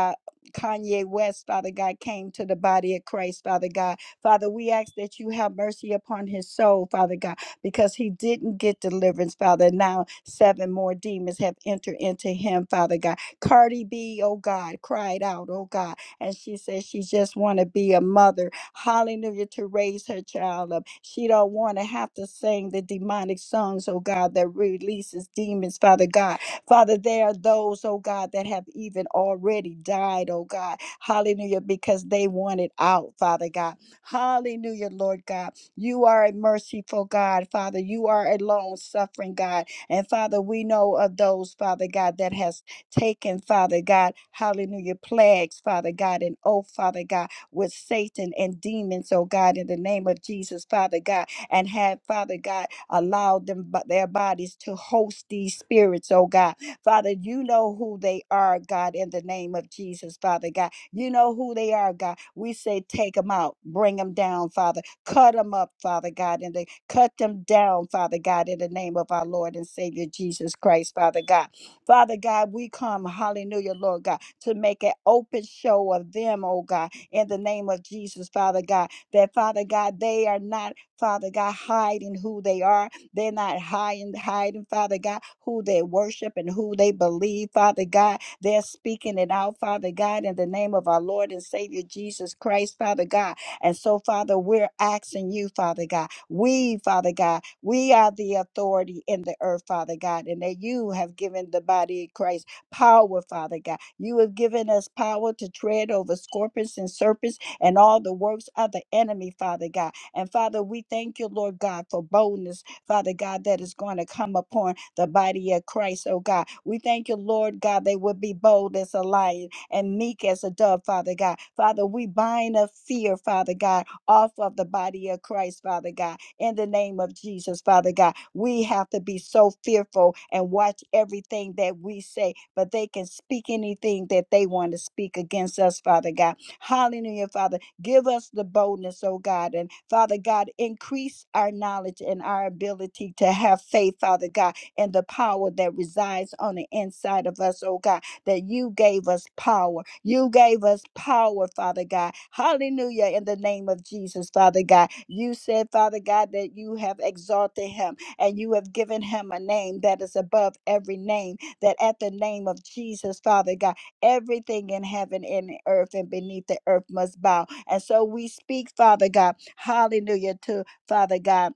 C: Kanye West, Father God, came to the body of Christ, Father God. Father, we ask that you have mercy upon his soul, Father God, because he didn't get deliverance, Father. Now, seven more demons have entered into him, Father God. Cardi B, oh God, cried out, oh God, and she said she just want to be a mother, hallelujah, to raise her child up. She don't want to have to sing the demonic songs, oh God, that releases demons, Father God Father, there are those, oh God, that have even already died, oh God. Hallelujah, because they wanted out, Father God. Hallelujah, Lord God. You are a merciful God, Father. You are a long suffering God. And Father, we know of those, Father God, that has taken, Father God, hallelujah, plagues, Father God, and oh, Father God, with Satan and demons, oh God, in the name of Jesus, Father God, and have, Father God, allowed them, their bodies to host these spirits, oh God Father, you know who they are, God, in the name of Jesus, Father God. You know who they are, God. We say, take them out, bring them down, Father. Cut them up, Father God, and they cut them down, Father God, in the name of our Lord and Savior Jesus Christ, Father God. Father God, we come, hallelujah, Lord God, to make an open show of them, oh God, in the name of Jesus, Father God, that Father God, they are not, Father God, hiding who they are. They're not high and hiding, Father God, who they worship and who they believe, Father God. They're speaking it out, Father God, in the name of our Lord and Savior Jesus Christ, Father God. And so, Father, we're asking you, Father God. We, Father God, we are the authority in the earth, Father God, and that you have given the body of Christ power, Father God. You have given us power to tread over scorpions and serpents and all the works of the enemy, Father God. And Father, we thank you, Lord God, for boldness Father God, that is going to come upon the body of Christ, oh God. We thank you, Lord God, they would be bold as a lion and meek as a dove, Father God. Father, we bind a fear, Father God, off of the body of Christ, Father God, in the name of Jesus, Father God. We have to be so fearful and watch everything that we say, but they can speak anything that they want to speak against us, Father God. Hallelujah, Father. Give us the boldness, oh God. And Father God, increase our knowledge and our ability to have faith, Father God, and the power that resides on the inside of us, oh God, that you gave us power. You gave us power, Father God. Hallelujah. In the name of Jesus, Father God. You said, Father God, that you have exalted him and you have given him a name that is above every name, that at the name of Jesus, Father God, Everything in heaven and in earth and beneath the earth must bow. And so we speak, Father God, hallelujah to Father God,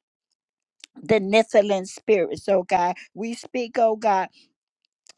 C: the Nephilim spirits, oh God. We speak, oh God.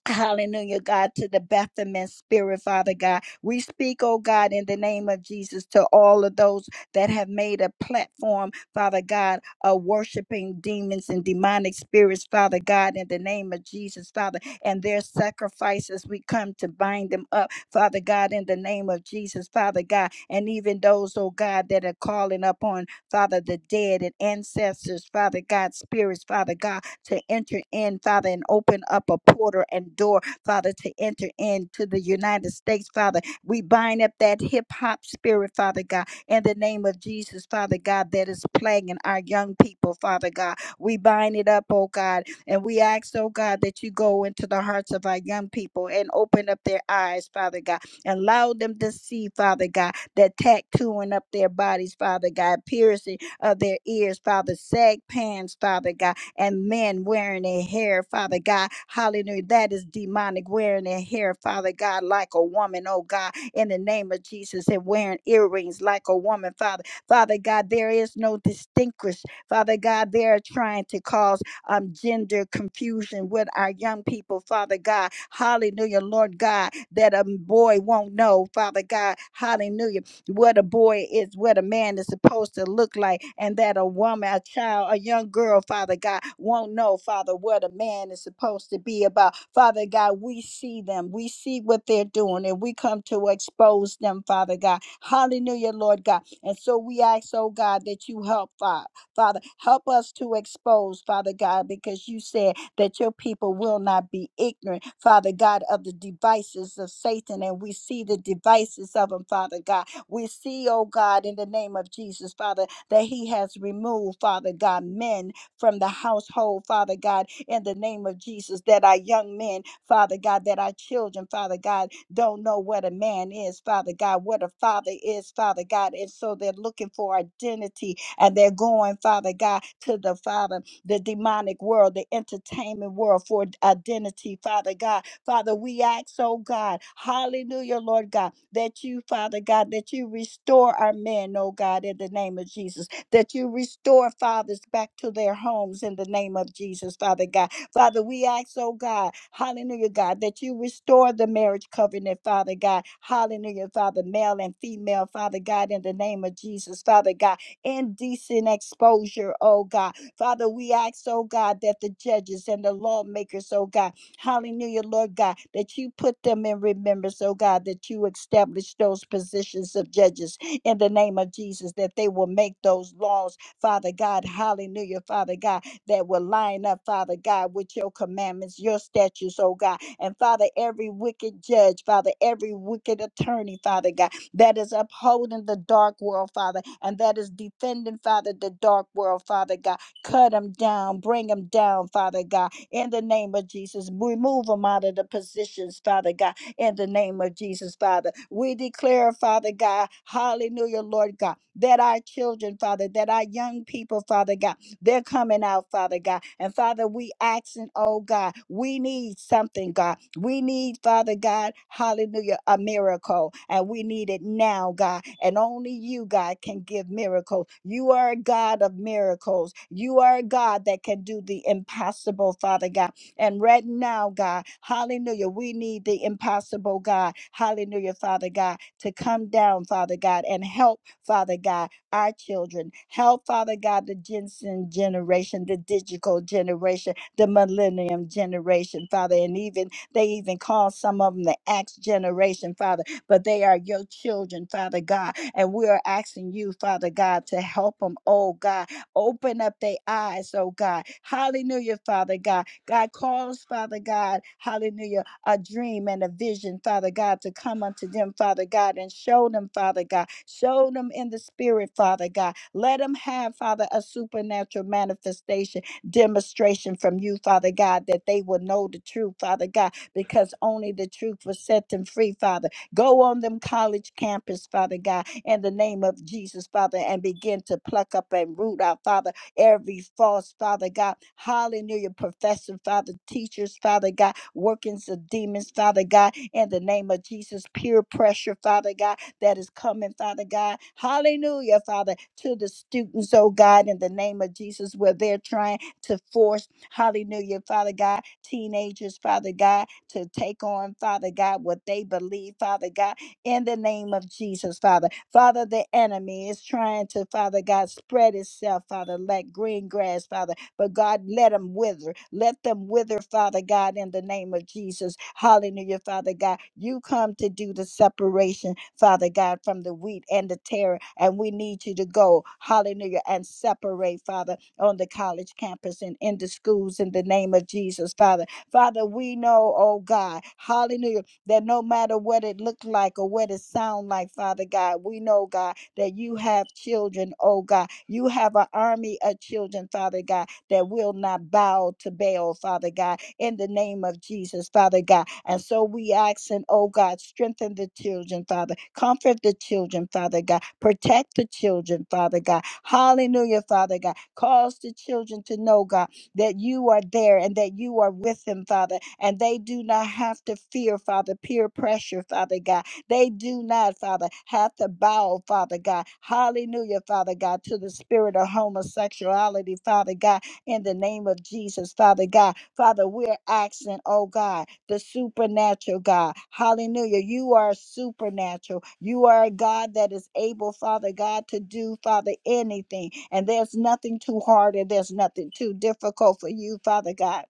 C: Hallelujah, God, to the Bethlehem spirit, Father God. We speak, oh God, in the name of Jesus to all of those that have made a platform, Father God, of worshiping demons and demonic spirits, Father God, in the name of Jesus, Father, and their sacrifices. We come to bind them up, Father God, in the name of Jesus, Father God, and even those, oh God, that are calling upon, Father, the dead and ancestors, Father God, spirits, Father God to enter in, Father, and open up a portal and door, Father, to enter into the United States, Father. We bind up that hip hop spirit, Father God, in the name of Jesus, Father God, that is plaguing our young people, Father God. We bind it up, oh God, and we ask, oh God, that you go into the hearts of our young people and open up their eyes, Father God, and allow them to see, Father God, that tattooing up their bodies, Father God, piercing of their ears, Father, sag pants, Father God, and men wearing their hair, Father God. Hallelujah. That is demonic, wearing their hair, Father God, like a woman, oh God, in the name of Jesus, and wearing earrings like a woman, Father. Father God, there is no distinguish. Father God, they are trying to cause um, gender confusion with our young people, Father God. Hallelujah, Lord God, that a boy won't know, Father God. Hallelujah what a boy is, what a man is supposed to look like, and that a woman, a child, a young girl, Father God, won't know, Father, what a man is supposed to be about. Father God, we see them, we see what they're doing, and we come to expose them, Father God. Hallelujah, Lord God. And so we ask, oh God, that you help, Fa- Father, help us to expose, Father God, because you said that your people will not be ignorant, Father God, of the devices of Satan. And we see the devices of them, Father God. We see, oh God, in the name of Jesus, Father, that He has removed, Father God, men from the household, Father God, in the name of Jesus, that our young men, Father God, that our children, Father God, don't know what a man is, Father God, what a father is, Father God. And so they're looking for identity and they're going, Father God, to the Father, the demonic world, the entertainment world for identity, Father God Father, we ask, oh God, hallelujah, Lord God, that you, Father God, that you restore our men, oh God, in the name of Jesus, that you restore fathers back to their homes in the name of Jesus, Father God. Father, we ask, oh God, hallelujah, God, that you restore the marriage covenant, Father God, hallelujah, Father, male and female, Father God, in the name of Jesus, Father God, indecent exposure, oh God. Father, we ask, oh God, that the judges and the lawmakers, oh God, Hallelujah, Lord God, that you put them in remembrance, oh God, that you establish those positions of judges in the name of Jesus, that they will make those laws, Father God. Hallelujah, Father God, that will line up, Father God, with your commandments, your statutes, oh God. And Father, every wicked judge, Father, every wicked attorney, Father God, that is upholding the dark world, Father, and that is defending, Father, the dark world, Father God. Cut them down, bring them down, Father God in the name of Jesus. Remove them out of the positions, Father God, in the name of Jesus, Father. We declare, Father God, hallelujah, Lord God, that our children, Father, that our young people, Father God, they're coming out, Father God. And Father, we asking, oh God, we need something, God. We need, Father God, hallelujah, a miracle. And we need it now, God. And only you, God, can give miracles. You are a God of miracles. You are a God that can do the impossible, Father God. And right now, God, hallelujah, we need the impossible, God, hallelujah, Father God, to come down, Father God, and help, Father God our children. Help, Father God, the Jensen generation, the digital generation, the millennium generation, Father. And even they even call some of them the Acts generation, Father, but they are your children, Father God. And we are asking you, Father God, to help them, oh God. Open up their eyes, oh God. Hallelujah, Father God. God calls, Father God, hallelujah a dream and a vision, Father God, to come unto them, Father God, and show them, Father God. Show them in the spirit, Father God. Let them have, Father, a supernatural manifestation, demonstration from you, Father God, that they will know the truth, Father God, because only the truth will set them free, Father. Go on them college campus, Father God, in the name of Jesus, Father, and begin to pluck up and root out, Father, every false, Father God. Hallelujah, professor, Father, teachers, Father God workings of demons, Father God, in the name of Jesus. Peer pressure, Father God, that is coming, Father God. Hallelujah, Father, to the students, oh God, in the name of Jesus, where they're trying to force, hallelujah, Father God, teenagers, Father God, to take on, Father God, what they believe, Father God, in the name of Jesus, Father. Father, the enemy is trying to, Father God, spread itself, Father, like green grass, Father but God, let them wither. Let them wither, Father God, in the name of Jesus. Hallelujah, Father God. You come to do the separation, Father God, from the wheat and the terror. And we need you to go, hallelujah, and separate, Father, on the college campus and in the schools in the name of Jesus, Father. Father, we know, oh God, hallelujah, that no matter what it looked like or what it sound like, Father God, we know, God, that you have children, oh God. You have an army of children, Father God that will not bow to Baal, Father God, in the name of Jesus, Father God. And so we ask, and oh God, strengthen the children, Father. Comfort the children, Father God. Protect the children, Father God. Hallelujah, Father God. Cause the children to know, God, that you are there and that you are with them, Father. And they do not have to fear, Father, peer pressure, Father God. They do not, Father, have to bow, Father God. Hallelujah, Father God, to the spirit of homosexuality, Father God in the name of Jesus, Father God. Father, we're asking, oh God, the supernatural God. Hallelujah. You are supernatural. You are a God that is able, Father God, to do, Father, anything. And there's nothing too hard and there's nothing too difficult for you, Father God.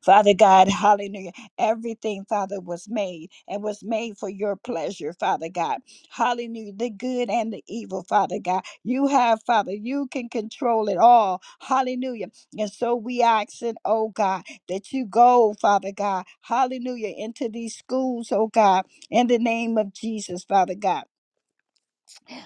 C: Father God, hallelujah. Everything, Father, was made and was made for your pleasure, Father God. Hallelujah. The good and the evil, Father God. You have, Father, you can control it all. Hallelujah. And so we ask it, oh God, that you go, Father God, hallelujah, into these schools, oh God, in the name of Jesus, Father God.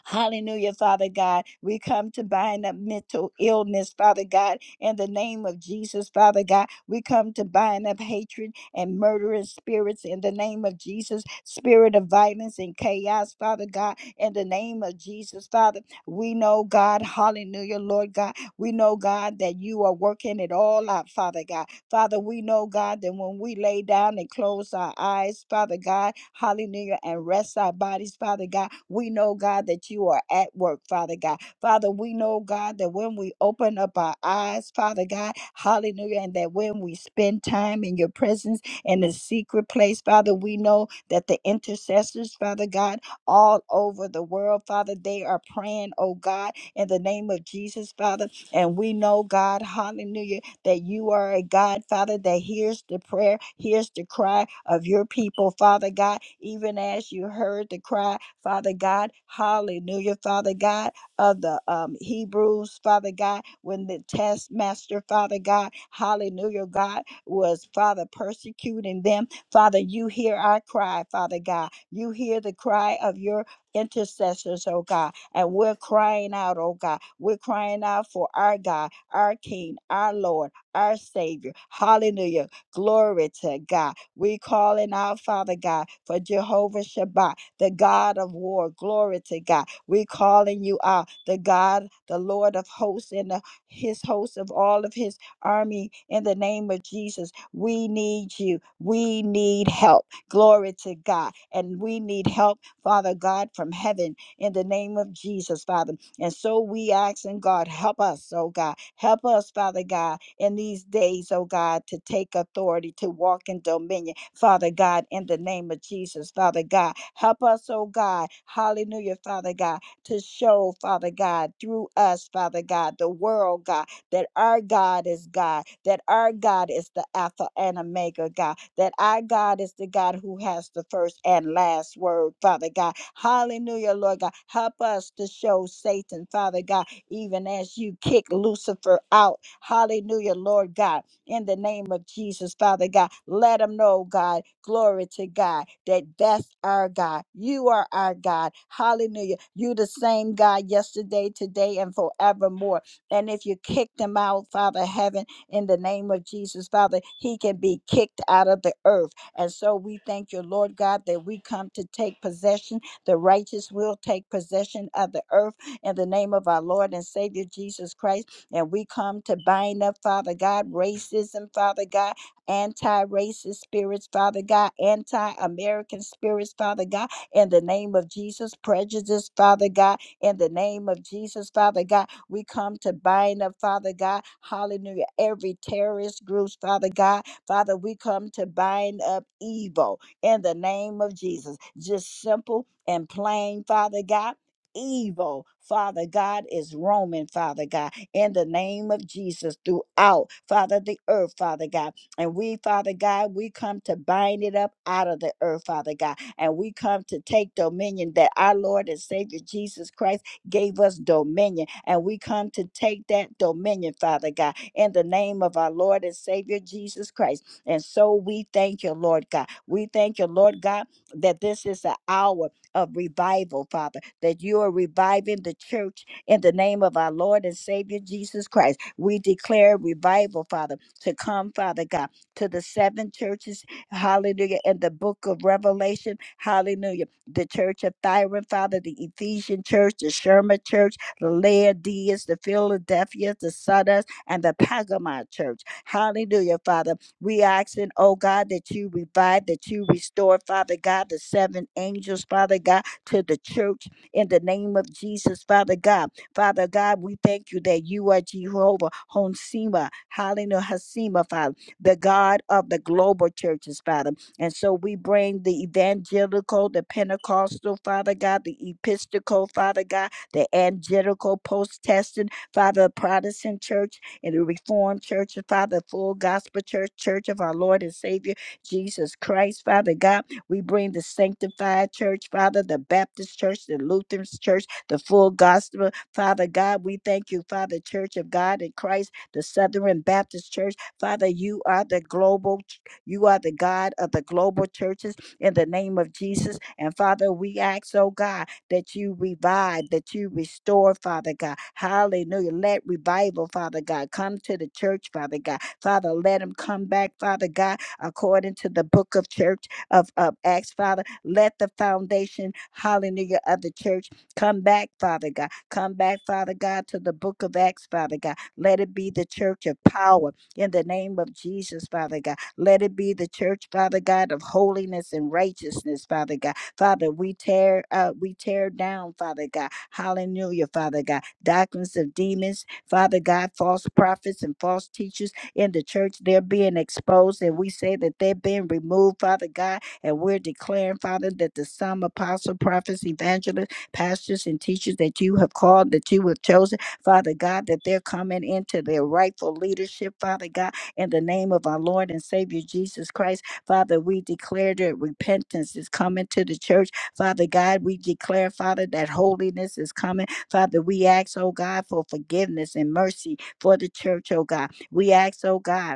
C: Hallelujah, Father God. We come to bind up mental illness, Father God, in the name of Jesus, Father God. We come to bind up hatred and murderous spirits in the name of Jesus, spirit of violence and chaos, Father God, in the name of Jesus, Father. We know, God, hallelujah, Lord God. We know, God, that you are working it all out, Father God. Father, we know, God, that when we lay down and close our eyes, Father God, hallelujah, and rest our bodies, Father God, we know, God, that you are at work, Father God. Father, we know, God, that when we open up our eyes, Father God, hallelujah, and that when we spend time in your presence in the secret place, Father, we know that the intercessors, Father God, all over the world, Father, they are praying, oh God, in the name of Jesus, Father. And we know, God, hallelujah that you are a God, Father, that hears the prayer, hears the cry of your people, Father God, even as you heard the cry, Father God, hallelujah, Father God, of the um, Hebrews, Father God, when the taskmaster, Father God, hallelujah, God, was, Father, persecuting them. Father, you hear our cry, Father God. You hear the cry of your intercessors, oh God. And we're crying out, oh God. We're crying out for our God, our King, our Lord our Savior. Hallelujah. Glory to God. We call in our Father God for Jehovah Shabbat, the God of war. Glory to God. We calling you out, the God, the Lord of hosts and the, his host of all of his army in the name of Jesus. We need you. We need help. Glory to God. And we need help, Father God, from heaven in the name of Jesus, Father. And so we ask, and God, help us, oh God. Help us, Father God, in these days, oh God, to take authority, to walk in dominion, Father God, in the name of Jesus, Father God. Help us, oh God, hallelujah, Father God, to show, Father God, through us, Father God, the world, God that our God is God, that our God is the Alpha and Omega God, that our God is the God who has the first and last word, Father God. Hallelujah, Lord God. Help us to show Satan, Father God, even as you kick Lucifer out. Hallelujah, Lord God in the name of Jesus, Father God. Let them know, God, glory to God, that that's our God. You are our God. Hallelujah. You the same God yesterday, today, and forevermore. And if you kick him out, Father heaven, in the name of Jesus, Father, he can be kicked out of the earth. And so we thank you, Lord God, that we come to take possession. The righteous will take possession of the earth in the name of our Lord and Savior Jesus Christ. And we come to bind up, Father God, racism, Father God, anti racist spirits, Father God, anti American spirits, Father God, in the name of Jesus, prejudice, Father God, in the name of Jesus, Father God we come to bind up, Father God, hallelujah, every terrorist group, Father God. Father, we come to bind up evil in the name of Jesus. Just simple and plain, Father God. Evil, Father God, is roaming, Father God, in the name of Jesus throughout, Father, the earth, Father God. And we, Father God, we come to bind it up out of the earth, Father God. And we come to take dominion that our Lord and Savior Jesus Christ gave us dominion, and we come to take that dominion, Father God, in the name of our Lord and Savior Jesus Christ. And so we thank you, Lord God. We thank you, Lord God, that this is an hour of revival, Father, that you are reviving the church in the name of our Lord and Savior Jesus Christ. We declare revival, Father, to come, Father God, to the seven churches, hallelujah, in the book of Revelation, hallelujah the church of Thyatira, Father, the Ephesian church, the Sherma church, the Laodiceans, the Philadelphia, the Sardis, and the Pergamon church. Hallelujah, Father. We asking, oh God, that you revive, that you restore, Father God, the seven angels, Father God, to the church in the name of Jesus, Father God. Father God, we thank you that you are Jehovah Honsema, Hallelujah, Hasema, Father, the God of the global churches, Father. And so we bring the evangelical, the Pentecostal, Father God, the Episcopal, Father God, the Angelical, Post Testament, Father, Protestant Church, and the Reformed Church, and Father, Full Gospel Church, Church of our Lord and Savior, Jesus Christ, Father God. We bring the Sanctified Church, Father, the Baptist Church, the Lutheran Church, the Full Gospel, Father God. We thank you, Father, Church of God in Christ, the Southern Baptist Church. Father, you are the global you are the God of the global churches in the name of Jesus. And Father, we ask, oh God, that you revive, that you restore, Father God. Hallelujah. Let revival, Father God, come to the church, Father God. Father, let them come back, Father God, according to the book of church of, of Acts, Father. Let the foundation, hallelujah, of the church come back, Father God. Come back, Father God, to the book of Acts, Father God. Let it be the church of power in the name of Jesus, Father God. Let it be the church, Father God, of holiness and righteousness, Father God. Father, we tear uh, we tear down, Father God. Hallelujah, Father God. Doctrines of demons, Father God, false prophets and false teachers in the church, they're being exposed, and we say that they're being removed, Father God, and we're declaring, Father, that the some apostle, prophets, evangelists, pastors, and teachers that you have called, that you have chosen, Father God, that they're coming into their rightful leadership, Father God, in the name of our Lord and Savior Jesus Christ, Father, we declare that repentance is coming to the church. Father God, we declare, Father, that holiness is coming. Father, we ask, oh God, for forgiveness and mercy for the church, oh God. We ask, oh God.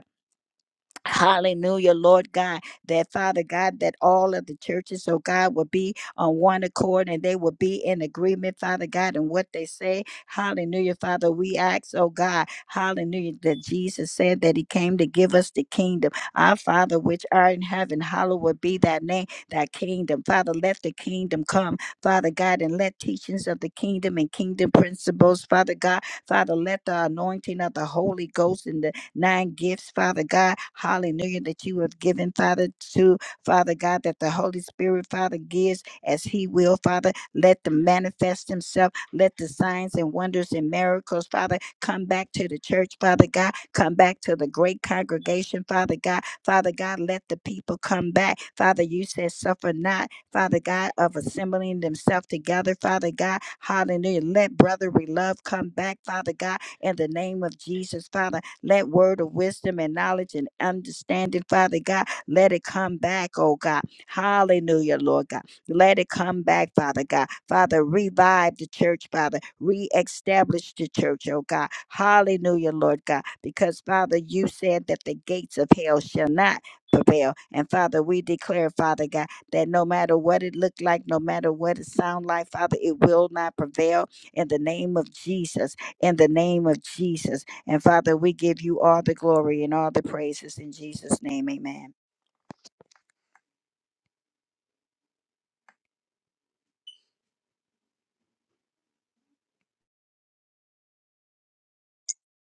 C: Hallelujah, Lord God, that Father God, that all of the churches, oh God, will be on one accord and they will be in agreement, Father God, and what they say. Hallelujah, Father, we ask, oh God, hallelujah, that Jesus said that He came to give us the kingdom. Our Father, which art in heaven, hallowed be thy name, thy kingdom. Father, let the kingdom come, Father God, and let teachings of the kingdom and kingdom principles, Father God, Father, let the anointing of the Holy Ghost and the nine gifts, Father God. Hallelujah, that you have given, Father, to Father God, that the Holy Spirit, Father, gives as He will, Father. Let them manifest Himself. Let the signs and wonders and miracles, Father, come back to the church, Father God. Come back to the great congregation, Father God. Father God, let the people come back. Father, you said, suffer not, Father God, of assembling themselves together, Father God. Hallelujah. Let brotherly love come back, Father God, in the name of Jesus, Father. Let word of wisdom and knowledge and understanding, Father God, let it come back, oh God. Hallelujah, Lord God. Let it come back, Father God. Father, revive the church, Father. Reestablish the church, oh God. Hallelujah, Lord God. Because, Father, you said that the gates of hell shall not prevail. And, Father, we declare, Father God, that no matter what it looked like, no matter what it sound like, Father, it will not prevail in the name of Jesus. In the name of Jesus. And Father, we give you all the glory and all the praises in Jesus' name. Amen.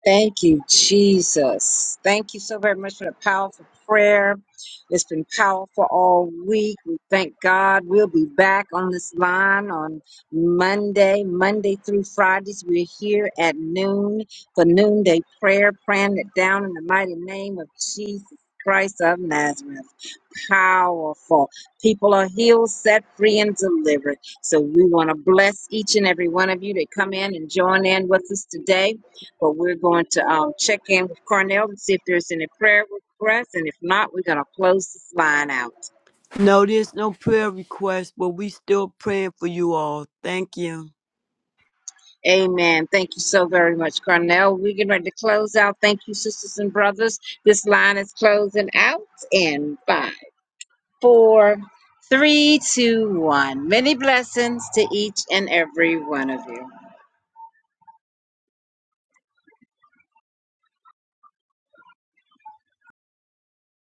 A: Thank you, Jesus. Thank you so very much for the powerful prayer. It's been powerful all week. We thank God. We'll be back on this line on Monday, Monday through Fridays. We're here at noon for noonday prayer, praying it down in the mighty name of Jesus Christ of Nazareth. Powerful. People are healed, set free, and delivered. So we want to bless each and every one of you that come in and join in with us today. But we're going to um, check in with Cornell and see if there's any prayer requests. And if not, we're going to close this line out.
B: No, there's no prayer request, but we still praying for you all. Thank you.
A: Amen. Thank you so very much, Cornell. We're getting ready to close out. Thank you, sisters and brothers. This line is closing out in five, four, three, two, one. Many blessings to each and every one of you.